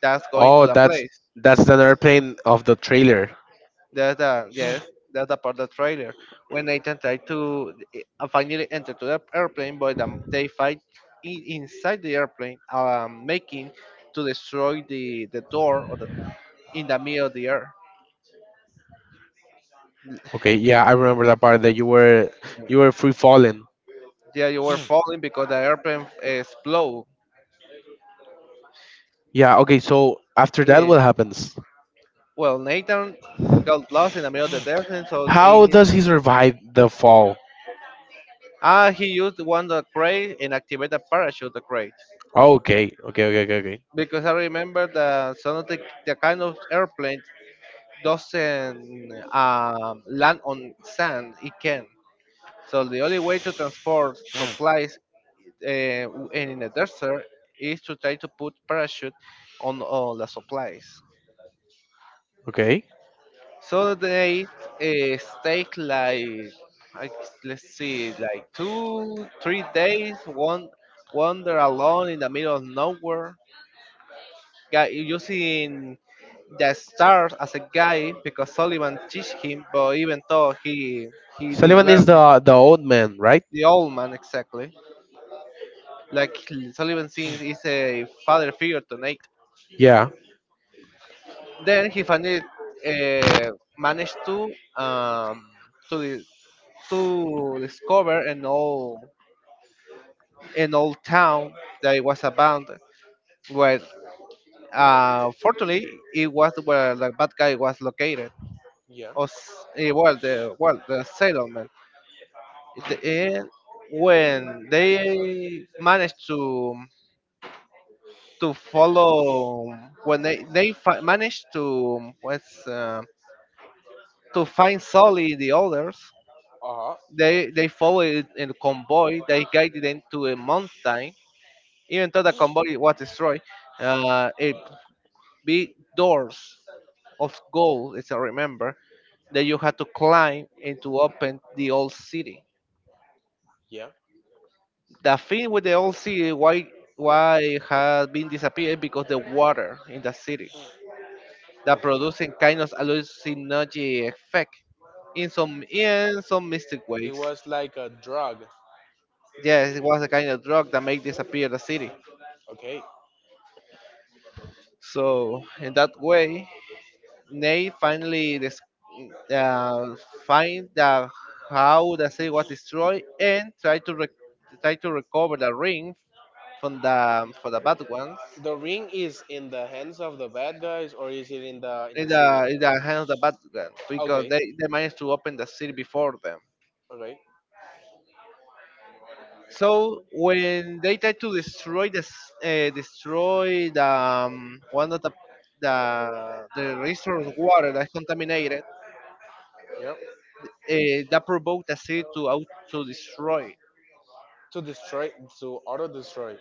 S2: to
S1: Oh,
S2: the
S1: that's
S2: place.
S1: that's an airplane of the trailer.
S2: That's the yes, that's the part of the trailer when Nathan tried to finally enter to the airplane, but they fight inside the airplane, making to destroy the door or the in the middle of the air.
S1: Okay. Yeah, I remember that part that you were free falling.
S2: Yeah, you were falling because the airplane exploded.
S1: Yeah. Okay. So after that,
S2: Yeah.
S1: what happens?
S2: Well, Nathan got lost in the middle of the desert, so
S1: How
S2: he,
S1: does he survive the fall?
S2: ah, he used one of the crate and activated the parachute crate.
S1: Oh, okay. Okay. Okay. Okay. Okay.
S2: Because I remember the some of the kind of airplane doesn't land on sand, it can. So the only way to transport supplies uh, in the desert is to try to put parachute on all the supplies.
S1: Okay.
S2: So they uh, take like, let's see, like two, three days, one wander alone in the middle of nowhere guy using the stars as a guide because Sullivan teach him, but even though he didn't
S1: Sullivan
S2: learn
S1: is
S2: it,
S1: the old man, right?
S2: the old man exactly. Like Sullivan seems is a father figure to Nate.
S1: Yeah.
S2: Then he finally uh, managed um to the, to discover an old town that was abandoned. Where fortunately it was where the bad guy was located.
S1: Yeah.
S2: Or well the settlement. At the end, when they managed to follow when they managed to what's to find solely the others,
S1: Uh huh.
S2: they followed in convoy, they guided them to a mountain, even though the convoy was destroyed. A big doors of gold as I remember that you had to climb and to open the old city.
S1: Yeah.
S2: The thing with the old city, why it has been disappeared because the water in the city that
S1: Okay.
S2: producing kind of hallucinogenic effect in some mystic
S1: It
S2: ways.
S1: was like a drug.
S2: Yes, it was a kind of drug that made disappear the city.
S1: Okay.
S2: So in that way, Nate finally uh, find the how the city was destroyed and try to try to recover the ring from the for the bad ones.
S1: The ring is in the hands of the bad guys, or is it in the in
S2: In
S1: the city?
S2: the hands of the bad guys because
S1: Okay.
S2: they managed to open the city before them.
S1: Okay.
S2: So when they try to destroy this, destroy the one of the the resource water that's contaminated,
S1: Yep.
S2: that provoked the city to out to destroy.
S1: to destroy to auto destroy,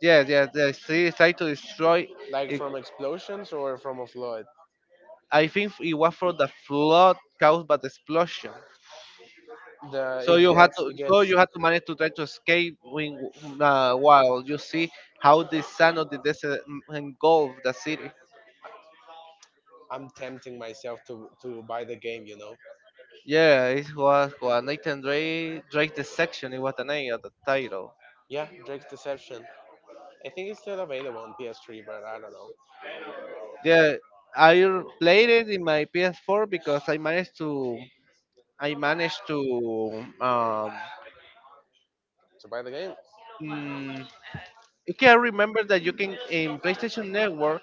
S2: Yes, yes, the city tried to destroy.
S1: like
S2: It.
S1: from explosions or from a flood.
S2: I think it was from the flood caused by the explosion.
S1: The
S2: So
S1: it
S2: you had
S1: gets
S2: to,
S1: it
S2: so
S1: gets
S2: you had to manage to try to escape when, while you see how the sand of the desert engulfed the city.
S1: I'm tempting myself to buy the game.
S2: Yeah, it was what Nathan Drake the section. It was the name of the title.
S1: Yeah, Drake's deception. I think it's still available on PS3, but I don't know.
S2: Yeah, I played it in my PS4 because I managed to um
S1: To buy the game.
S2: mm, you can remember that you can in PlayStation Network,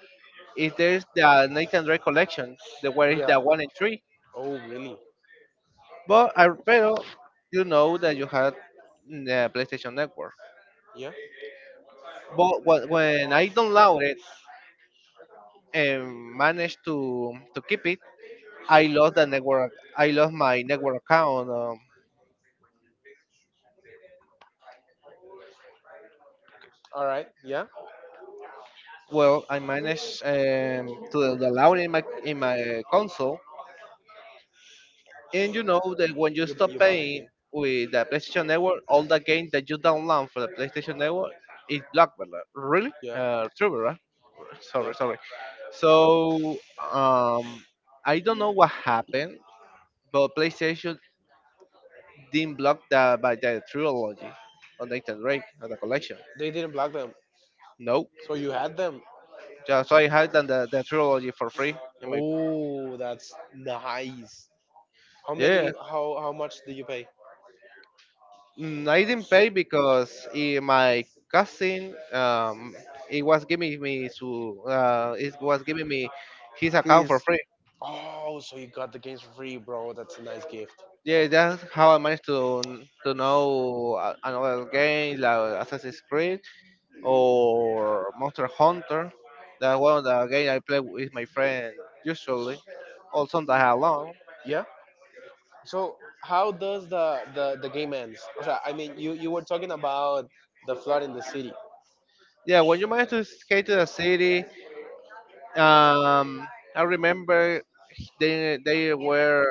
S2: if there's the Nathan Drake collection, the where is
S1: Yeah.
S2: the one and three.
S1: Oh, really?
S2: But I pero, you know that you had the PlayStation Network.
S1: Yeah.
S2: But when I downloaded and managed to keep it, I lost the network. I lost my network account.
S1: All right, yeah.
S2: Well, I managed to download in my console, and you know that when you stop
S1: You bought the
S2: paying
S1: game.
S2: with the PlayStation Network, all the games that you download for the PlayStation Network is blocked. Really,
S1: Yeah.
S2: true, right?
S1: Yeah.
S2: Sorry, sorry. So um, I don't know what happened, but PlayStation didn't block the by the trilogy on Nathan Drake at the collection.
S1: They didn't block them.
S2: Nope.
S1: So you had them.
S2: Yeah, so I had done the trilogy for free. In my,
S1: Oh, that's nice.
S2: yeah.
S1: How much do you pay?
S2: Mm, I didn't pay because my cousin it was giving me to it was giving me his account for
S1: Fees.
S2: free.
S1: Oh, so you got the games for free, bro. That's a nice gift.
S2: Yeah, that's how I managed to know another game like Assassin's Creed or Monster Hunter. That one, the game I play with my friend usually, or sometimes alone.
S1: Yeah. So how does the game ends? O sea, I mean, you were talking about the flood in the city.
S2: Yeah, when you manage to escape to the city, um, I remember they were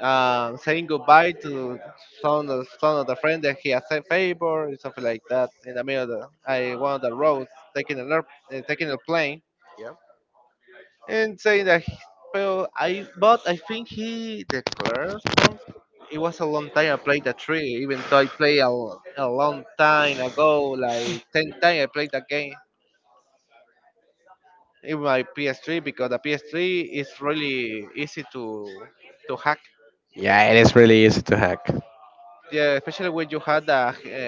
S2: saying goodbye to some of some of the friend that he has a favor or something like that in the middle of the I, one of the roads taking an air, taking a plane
S1: Yeah.
S2: and saying that he, well, I but I think he declared something. It was a long time I played the three, even though I played a long time ago, like 10 times I played that game in my PS3 because the PS3 is really easy to hack.
S1: Yeah, it is really easy to hack.
S2: Yeah, especially when you had the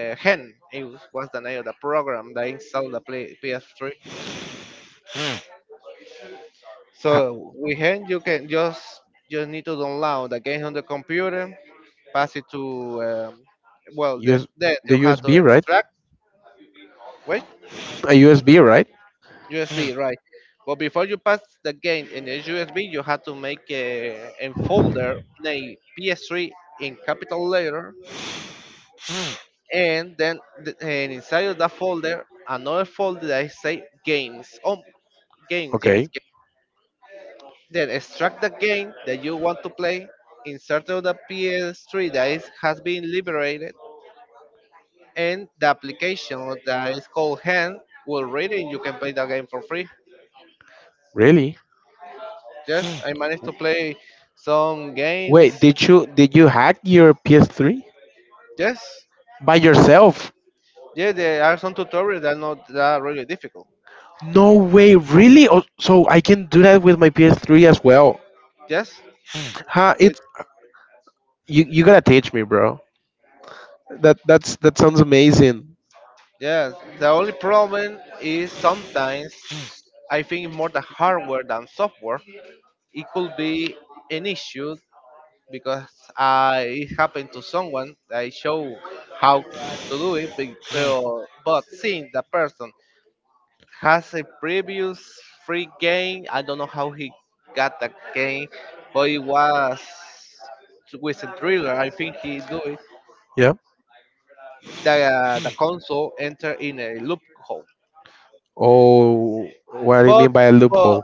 S2: hen, it was the name of the program that installed the play, PS3.
S1: Ha-
S2: So with hen, you can just need to download the game on the computer, pass it to well
S1: US,
S2: this then
S1: the
S2: you have to
S1: USB, right?
S2: extract, wait,
S1: A USB, right?
S2: USB, right? But before you pass the game in the USB you have to make a folder named PS3 in capital letter, and then and inside of that folder another folder that say games oh games yes
S1: Okay,
S2: then extract the game that you want to play insert of the PS3 that is, has been liberated, and the application that is called Hand will read it. You can play the game for free.
S1: really?
S2: Yes, I managed to play some games.
S1: Wait, did you hack your PS3
S2: Yes,
S1: by yourself?
S2: yeah, there are some tutorials that are not that really difficult.
S1: No way, really? Oh, so I can do that with my PS3 as well?
S2: Yes,
S1: Huh?
S2: with
S1: It's you. You gotta teach me, bro. That sounds amazing.
S2: yes, the only problem is sometimes I think more the hardware than software. It could be an issue because it happened to someone. I show how to do it, but but seeing the person has a previous free game. I don't know how he got that game, but it was with a thriller. I think he do it.
S1: Yeah.
S2: The console enter in a loophole,
S1: Oh, what do you
S2: but
S1: mean by a
S2: but
S1: loophole?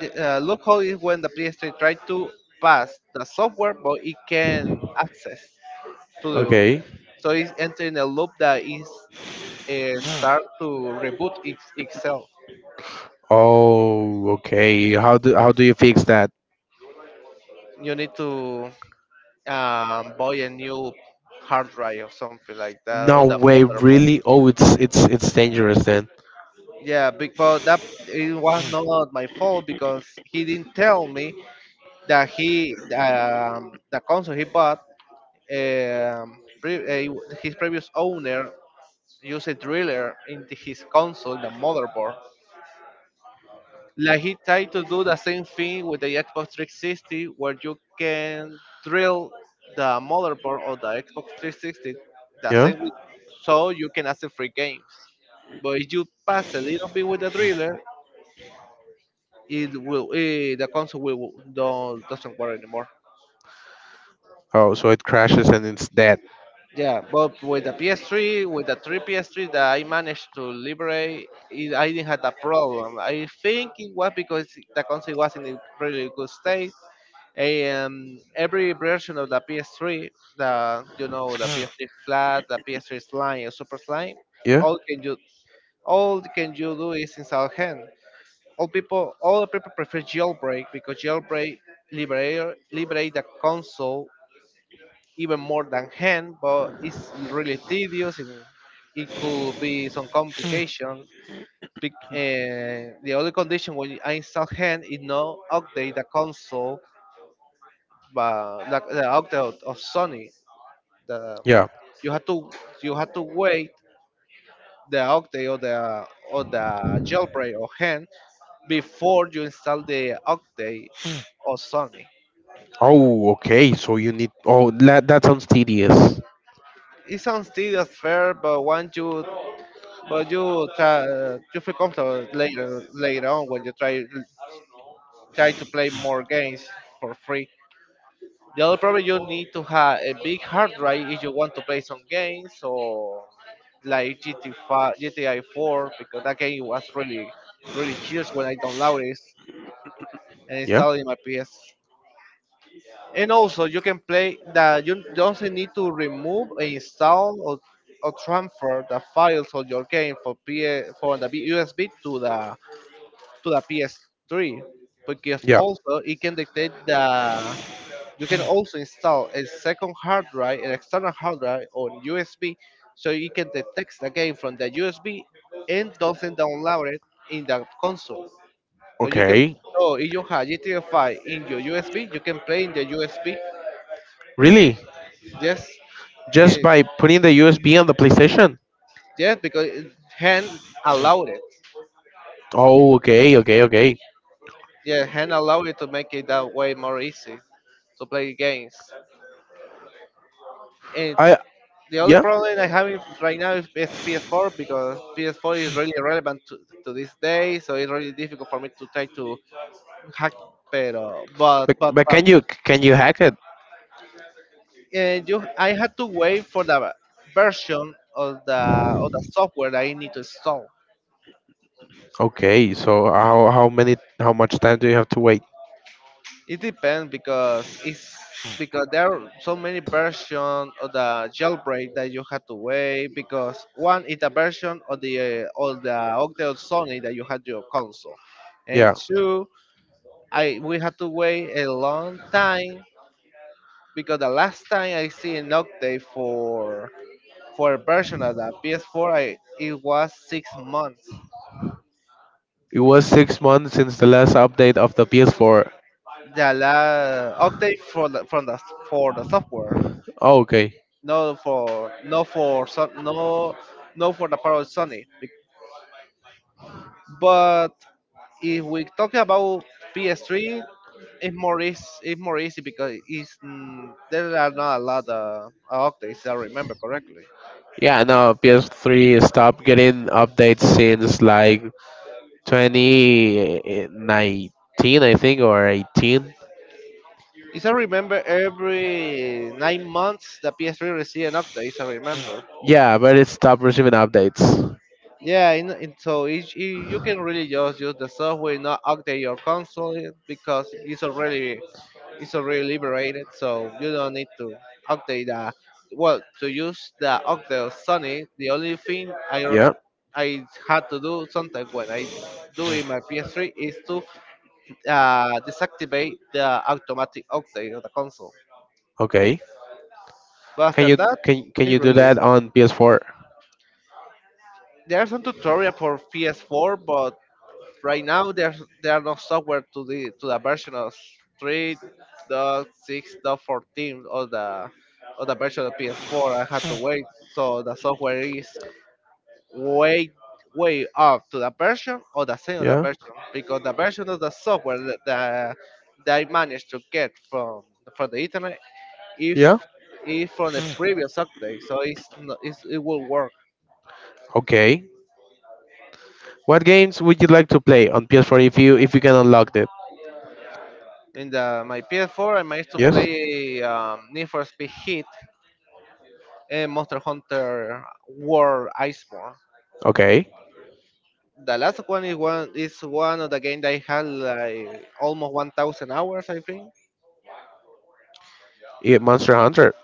S2: the loophole is when the PS3 try to pass the software, but it can access to the
S1: Okay.
S2: so it's entering a loop that is start to reboot its, itself.
S1: Oh, okay. How do you fix that?
S2: You need to buy a new hard drive or something like that, or
S1: No
S2: the
S1: way,
S2: motherboard.
S1: really? Oh, it's dangerous then.
S2: Yeah, big but that it was not my fault because he didn't tell me that he the console he bought, um, pre- uh, his previous owner used a driller in his console, the motherboard. Like he tried to do the same thing with the Xbox 360, where you can drill the motherboard of the Xbox 360 the
S1: Yeah.
S2: same with, so you can access free games. But if you pass a little bit with the driller, it will the console will don't, doesn't work anymore.
S1: Oh, so it crashes and it's dead.
S2: Yeah, but with the PS3, with the three PS3 that I managed to liberate, it, I didn't have that problem. I think it was because the console was in a pretty good state. And every version of the PS3, the you know the PS3 flat, the PS3 slime, and super slime,
S1: Yeah.
S2: all can you all can you do is install hand. All people prefer jailbreak because jailbreak liberate the console even more than hand, but it's really tedious and it could be some complications. The other condition when I install hand is not update the console, but the update of Sony. The
S1: Yeah.
S2: you have to you have to wait the update or the jailbreak of hand before you install the update of Sony.
S1: Oh, okay. So you need. Oh, that sounds tedious.
S2: It sounds tedious fair, but once you but you try, you feel comfortable later on when you try to play more games for free. The other problem, you need to have a big hard drive if you want to play some games or like GTI 4, because that game was really really huge when I downloaded it and
S1: Yeah.
S2: installed it in my PS. And also you can play that, you don't need to remove install or transfer the files of your game for PS from the USB to the PS3, because
S1: Yeah.
S2: also it can detect the you can Also install a second hard drive, an external hard drive on USB, so you can detect the game from the USB and doesn't download it in the console. So you can
S1: Okay.
S2: so if you have GTA 5 in your USB, you can play in the USB.
S1: Really?
S2: Yes,
S1: Just
S2: in,
S1: by putting the USB on the PlayStation?
S2: yes, because hand allowed it.
S1: Oh, okay. Okay. Okay.
S2: Yeah, hand allowed it to make it that way more easy to play games. And
S1: I.
S2: The only
S1: Yeah.
S2: problem I have right now is PS4, because PS4 is really relevant to this day, so it's really difficult for me to try to hack. Pero,
S1: But, but
S2: but
S1: can you hack it?
S2: I had to wait for the version of the software that I need to install.
S1: Okay, so how much time do you have to wait?
S2: It depends, because it's because there are so many versions of the jailbreak that you had to wait, because one is the version of the Octet Sony that you had your console, and
S1: Yeah,
S2: two, I we had to wait a long time, because the last time I see an update for a version of the PS4, it was 6 months.
S1: it was 6 months since the last update of the PS4.
S2: The last update for the from the for the software,
S1: Oh, okay.
S2: no for no for Son- no no for the part of Sony. But if we talk about PS3, it's more easy, it's more easy, because there are not a lot of updates, if I remember correctly.
S1: Yeah, no, PS3 stopped getting updates since like 2019, I think, or 18.
S2: Is I remember every 9 months the PS3 receive an update. Is I remember.
S1: Yeah, but it stopped receiving updates.
S2: Yeah, and so each, you can really just use the software, not update your console it, because it's already liberated, so you don't need to update the well to use the update of Sony. The only thing
S1: Yeah,
S2: I had to do sometimes when I do in my PS3 is to deactivate the automatic update of the console.
S1: okay.
S2: But
S1: Can
S2: after
S1: you
S2: that,
S1: can
S2: it's
S1: you do
S2: really
S1: that
S2: easy.
S1: on PS4?
S2: There's some tutorial for PS4, but right now there are no software to the version of 3.6.14 or the or the version of PS4. I had to wait, so the software is way way up to the version or the same of the
S1: Yeah,
S2: version, because the version of the software that I managed to get from the internet if
S1: yeah.
S2: is from the previous update, so it's, no- it's it will work.
S1: Okay. What games would you like to play on PS4 if you can unlock it?
S2: In the my PS4, I managed to
S1: Yes.
S2: play Need for Speed Heat and Monster Hunter World Iceborne.
S1: Okay.
S2: The last one is one of the game that I had like almost 1,000 hours, I think.
S1: Yeah, Monster Hunter.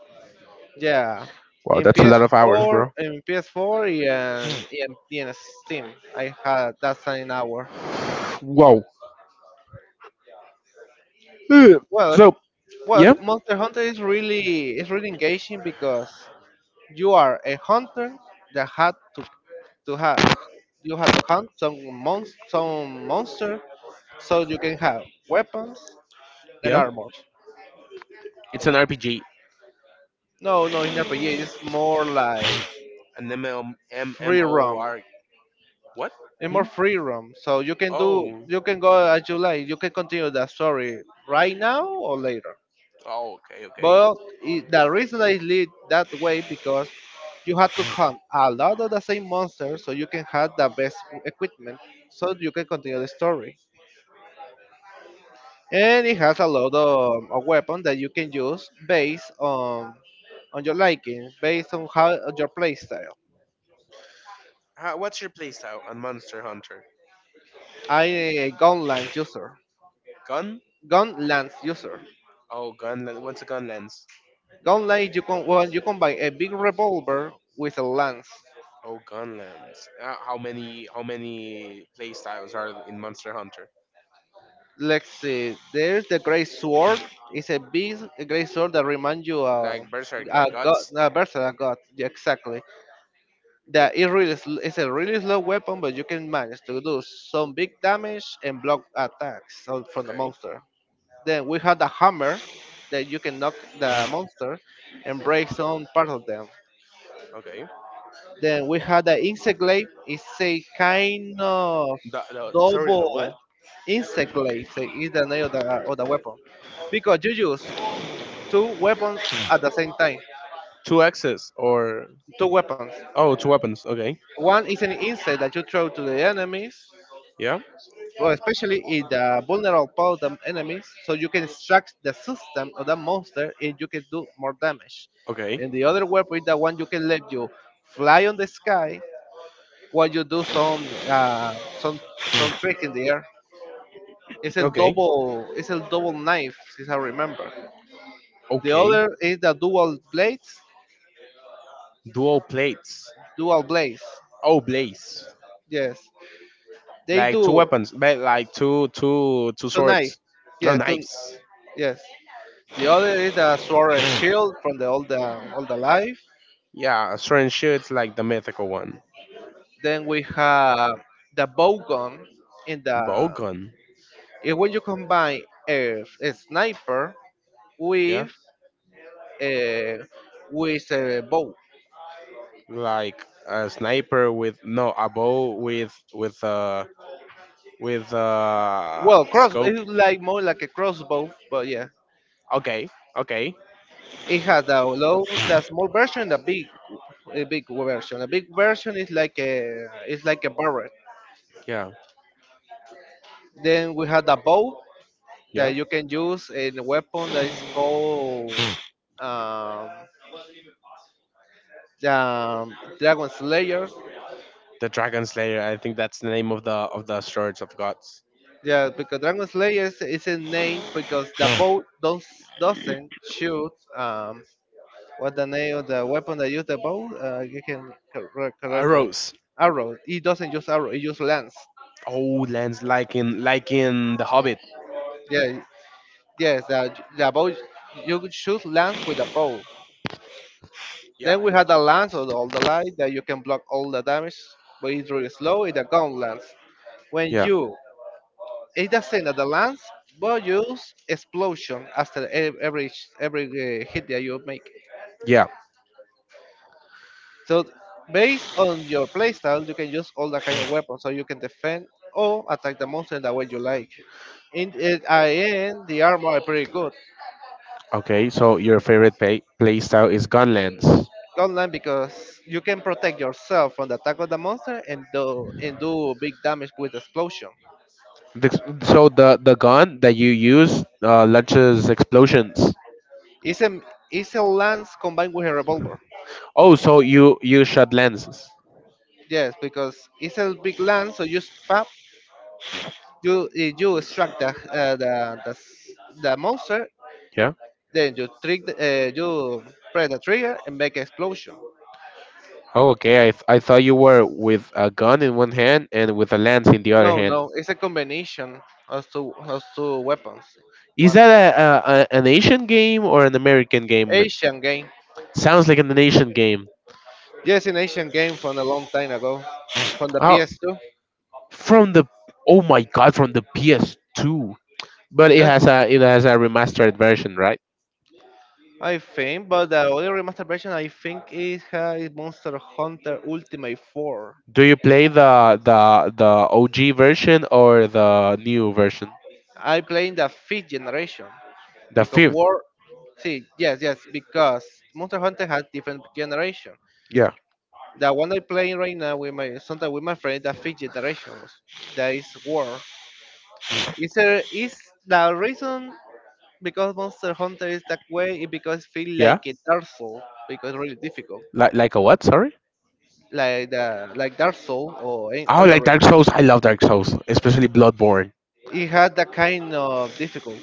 S2: Yeah,
S1: Wow, that's a
S2: in
S1: lot of hours,
S2: PS4,
S1: bro.
S2: in PS4, and in Steam, I had that same hour.
S1: Whoa. Ugh.
S2: Well, okay,
S1: So
S2: well,
S1: yeah,
S2: okay, Monster Hunter is really engaging, because you are a hunter that had to have you have to hunt some some monster, so you can have weapons and
S1: yeah.
S2: armors.
S1: It's an RPG,
S2: No, no, in RPG it's more like
S1: an ML,
S2: free roam.
S1: MMORPG. What?
S2: It's more
S1: Hmm?
S2: free roam, so you can do
S1: Oh,
S2: you can go as you like. You can continue the story right now or later.
S1: oh, okay, okay.
S2: But it, the reason I lead that way, because you have to hunt a lot of the same monsters, so you can have the best equipment, so you can continue the story. And it has a lot of a weapon that you can use based on your liking, based on how on your playstyle.
S1: What's your playstyle on Monster Hunter?
S2: I a gunland user,
S1: Gun?
S2: gun lance user.
S1: Oh, gun. What's a gun lens?
S2: Gun lance, you can well, you combine a big revolver with a lance.
S1: Oh, gun lens. How many? Playstyles are in Monster Hunter?
S2: Let's see, there's the great sword. It's a big great sword that reminds you of
S1: Like Berserk,
S2: a
S1: like
S2: god,
S1: guts.
S2: a versa god. Yeah, exactly. that it really sl- It's a really slow weapon, but you can manage to do some big damage and block attacks from the
S1: Okay,
S2: monster. Then we have the hammer that you can knock the monster and break some part of them.
S1: okay.
S2: Then we have the insect glaive. It's a kind of
S1: The Sorry, the what?
S2: double insect glaive. Is the name of the weapon, because you use two weapons at the same time.
S1: Two axes, or?
S2: Two weapons.
S1: Oh, it's weapons. Okay.
S2: One is an insect that you throw to the enemies,
S1: Yeah.
S2: well, especially in the vulnerable part of the enemies, so you can extract the system of the monster and you can do more damage.
S1: Okay.
S2: And the other weapon is the one you can let you fly on the sky while you do some some trick in the air. It's a
S1: Okay.
S2: double, it's a double knife, if I remember. The
S1: Okay.
S2: other is the dual blades,
S1: Dual plates.
S2: dual blades.
S1: Oh, blaze.
S2: Yes, they
S1: Like two
S2: do
S1: weapons, but like two
S2: two knife.
S1: swords. No
S2: Yeah, two,
S1: knives.
S2: yes. The other is the sword and shield from the all the all the life.
S1: Yeah, certain shoots like the mythical one.
S2: Then we have the bow gun in the
S1: Bowgun.
S2: when you combine a sniper
S1: Yeah.
S2: with a with a bow.
S1: Like a sniper with, no, a bow with
S2: Well, cross
S1: scope.
S2: it's like more like a crossbow, but yeah,
S1: Okay. Okay.
S2: it has the low, the small version, the big, a big version. The big version is like a, it's like a barrel.
S1: Yeah.
S2: Then we have the bow
S1: Yeah.
S2: that you can use in a weapon that is called um, the Dragon Slayer.
S1: The Dragon Slayer, I think that's the name of the swords of gods.
S2: Yeah, because Dragon Slayer is a name, because the bow don't, doesn't shoot. What the name of the weapon that use the bow? You can
S1: A
S2: correctly
S1: rose.
S2: arrow. It doesn't use arrow. It use lance.
S1: Oh, lands like in The Hobbit.
S2: Yeah, yes. The bow, you could shoot lance with a bow.
S1: Yeah.
S2: Then we had the lance of all the light that you can block all the damage, but it's really slow. It's a gun lance. When
S1: Yeah.
S2: you It's the same that the lance, but use explosion after every every hit that you make.
S1: Yeah.
S2: So based on your playstyle, you can use all that kind of weapons, so you can defend or attack the monster in the way you like. In it, I end the armor are pretty good
S1: Okay. So your favorite play style is gunlands.
S2: online, because you can protect yourself from the attack of the monster and do big damage with explosion.
S1: The, so the gun that you use launches explosions.
S2: It's a it's a lance combined with a revolver.
S1: Oh, so you shot lenses.
S2: Yes, because it's a big lance, so you spam you if you extract the the monster,
S1: Yeah.
S2: then you trick the, you press the trigger and make explosion.
S1: Oh, okay. I thought you were with a gun in one hand and with a lens in the other
S2: No,
S1: hand.
S2: no, it's a combination of two weapons.
S1: Is
S2: One
S1: that a an Asian game or an American game?
S2: Asian game,
S1: Sounds like an Asian game.
S2: yes, an Asian game from a long time ago, from the
S1: Oh,
S2: PS2.
S1: from the oh my god, from the PS2. But it
S2: Yes,
S1: has a remastered version, right?
S2: I think, but the other remaster version I think is Monster Hunter Ultimate 4.
S1: Do you play the OG version or the new version?
S2: I play in the fifth generation.
S1: The
S2: Because
S1: fifth.
S2: war, see, yes, yes, because Monster Hunter has different generation.
S1: Yeah.
S2: The one I'm playing right now with my sometimes with my friend, the fifth generations, that is war, is there is the reason, because Monster Hunter is that way, is because feel
S1: Yeah.
S2: like a dark soul, because really difficult.
S1: Like a what? Sorry.
S2: Like the like dark soul or
S1: Oh,
S2: elder
S1: like
S2: ring,
S1: Dark Souls. I love Dark Souls, especially Bloodborne.
S2: it had that kind of difficult.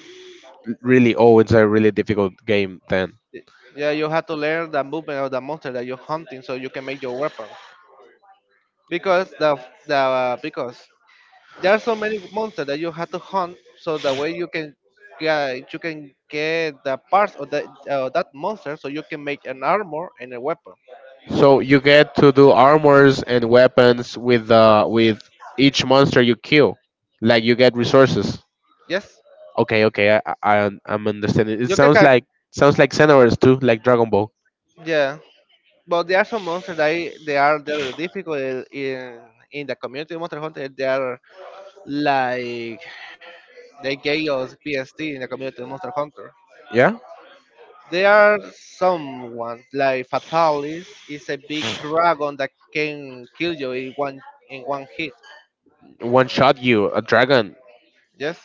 S1: Really, oh, it's a really difficult game then.
S2: Y- yeah, you have to learn the movement of the monster that you're hunting, so you can make your weapons, because the because there are so many monsters that you have to hunt, so that way you can, yeah, you can get the parts of the that monster, so you can make an armor and a weapon.
S1: So you get to do armors and weapons with each monster you kill. Like you get resources.
S2: Yes.
S1: Okay, okay, I'm understanding. It
S2: you can ca-
S1: sounds like Xenoverse too, like Dragon Ball.
S2: yeah, but there are some monsters that they're difficult in in the community of Monster Hunter. They are like, they gave us PSD in the community of Monster Hunter.
S1: Yeah.
S2: There are some ones like Fatalis is a big dragon that can kill you in one hit.
S1: One shot you, a dragon.
S2: Yes.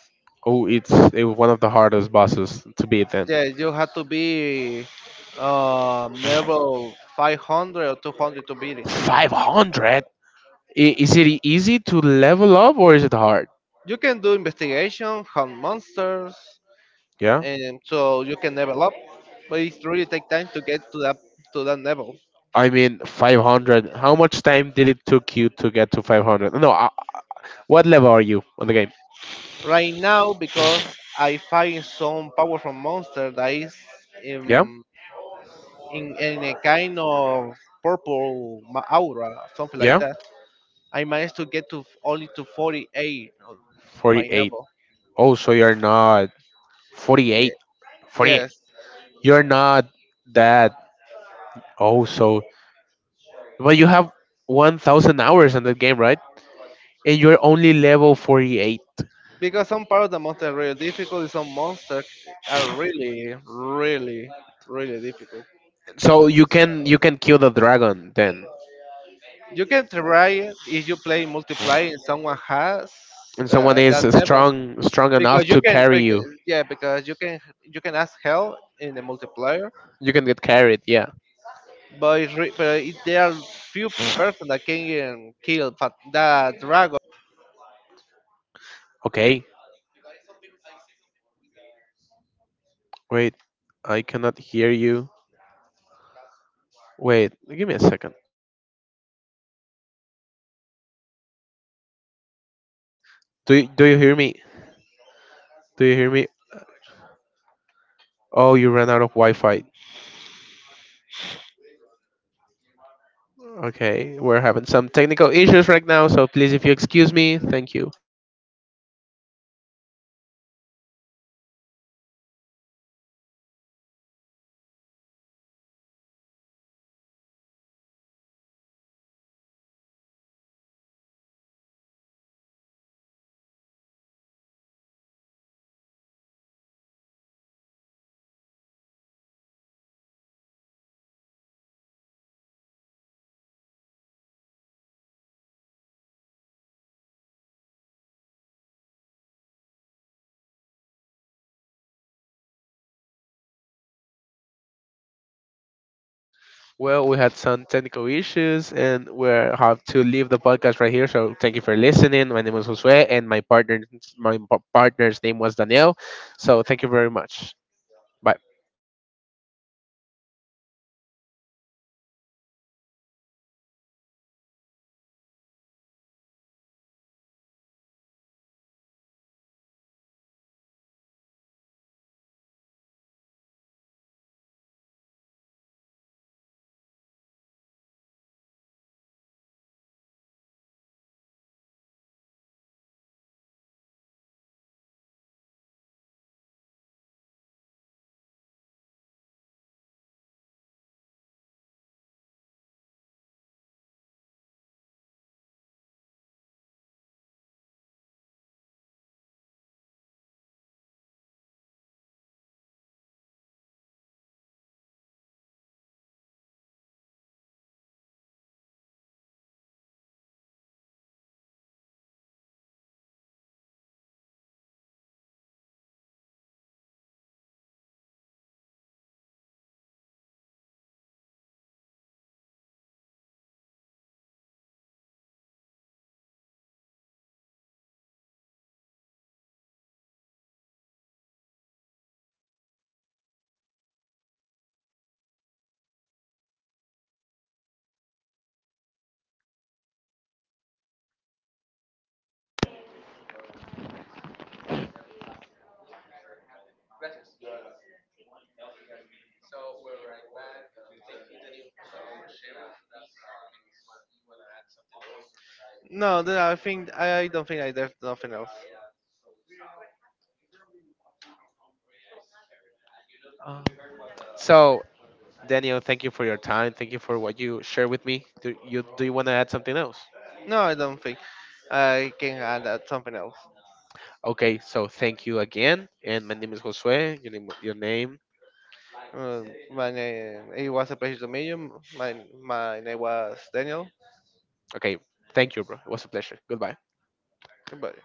S1: Oh, it was one of the hardest bosses to beat then.
S2: Yeah, you have to be level 500 or 200 to beat it.
S1: 500? Is it easy to level up or is it hard?
S2: You can do investigation, hunt monsters,
S1: Yeah.
S2: and so you can level up. But it really take time to get to that level.
S1: I mean, 500. How much time did it took you to get to 500? No, what level are you on the game?
S2: Right now, because I find some powerful monster that is
S1: Yeah?
S2: in in a kind of purple aura, something like
S1: Yeah?
S2: that. I managed to get to only to 48 of my
S1: 48.
S2: level.
S1: Oh, so you're not
S2: Yeah.
S1: 48. 48.
S2: Yes.
S1: You're not that. Oh, so but you have 1,000 hours on the game, right? And you're only level 48.
S2: Because some part of the monster are really difficult, and some monsters are really, really, really difficult.
S1: So you can kill the dragon then,
S2: You can try it if you play multiplayer and someone has
S1: and someone
S2: that
S1: is
S2: level.
S1: strong enough
S2: Because you
S1: to
S2: can,
S1: carry you.
S2: because, yeah, because you can ask help in the multiplayer,
S1: You can get carried. Yeah.
S2: but it, there are few person that can kill that dragon alone.
S1: Okay.
S2: I, because I some people, I see some people with the
S1: Wait, I cannot hear you.
S2: cancel,
S1: Wait, give me a second.
S2: that cancel. Hello, está silenciado.
S1: Do
S2: Hello.
S1: you, do you hear me?
S2: No,
S1: Do you hear me?
S2: no está reconectando.
S1: Oh, you ran out of Wi-Fi.
S2: Excuse.
S1: Okay, we're having some technical issues right now, so please, if you excuse me, thank you. Well, we had some technical issues and we have to leave the podcast right here. So thank you for listening. My name was Josue and my partner my pa- partner's name was Daniel. So thank you very much. Bye.
S2: No, then I think I don't think I there's nothing else.
S1: So Daniel, thank you for your time. Thank you for what you shared with me. Do you want to add something else?
S2: No, I don't think I can add that something else.
S1: Okay, so thank you again. And my name is Josue. Your name, your name.
S2: My name, it was a pleasure to meet you. My name was Daniel.
S1: Okay. Thank you, bro. It was a pleasure. Goodbye.
S2: Goodbye.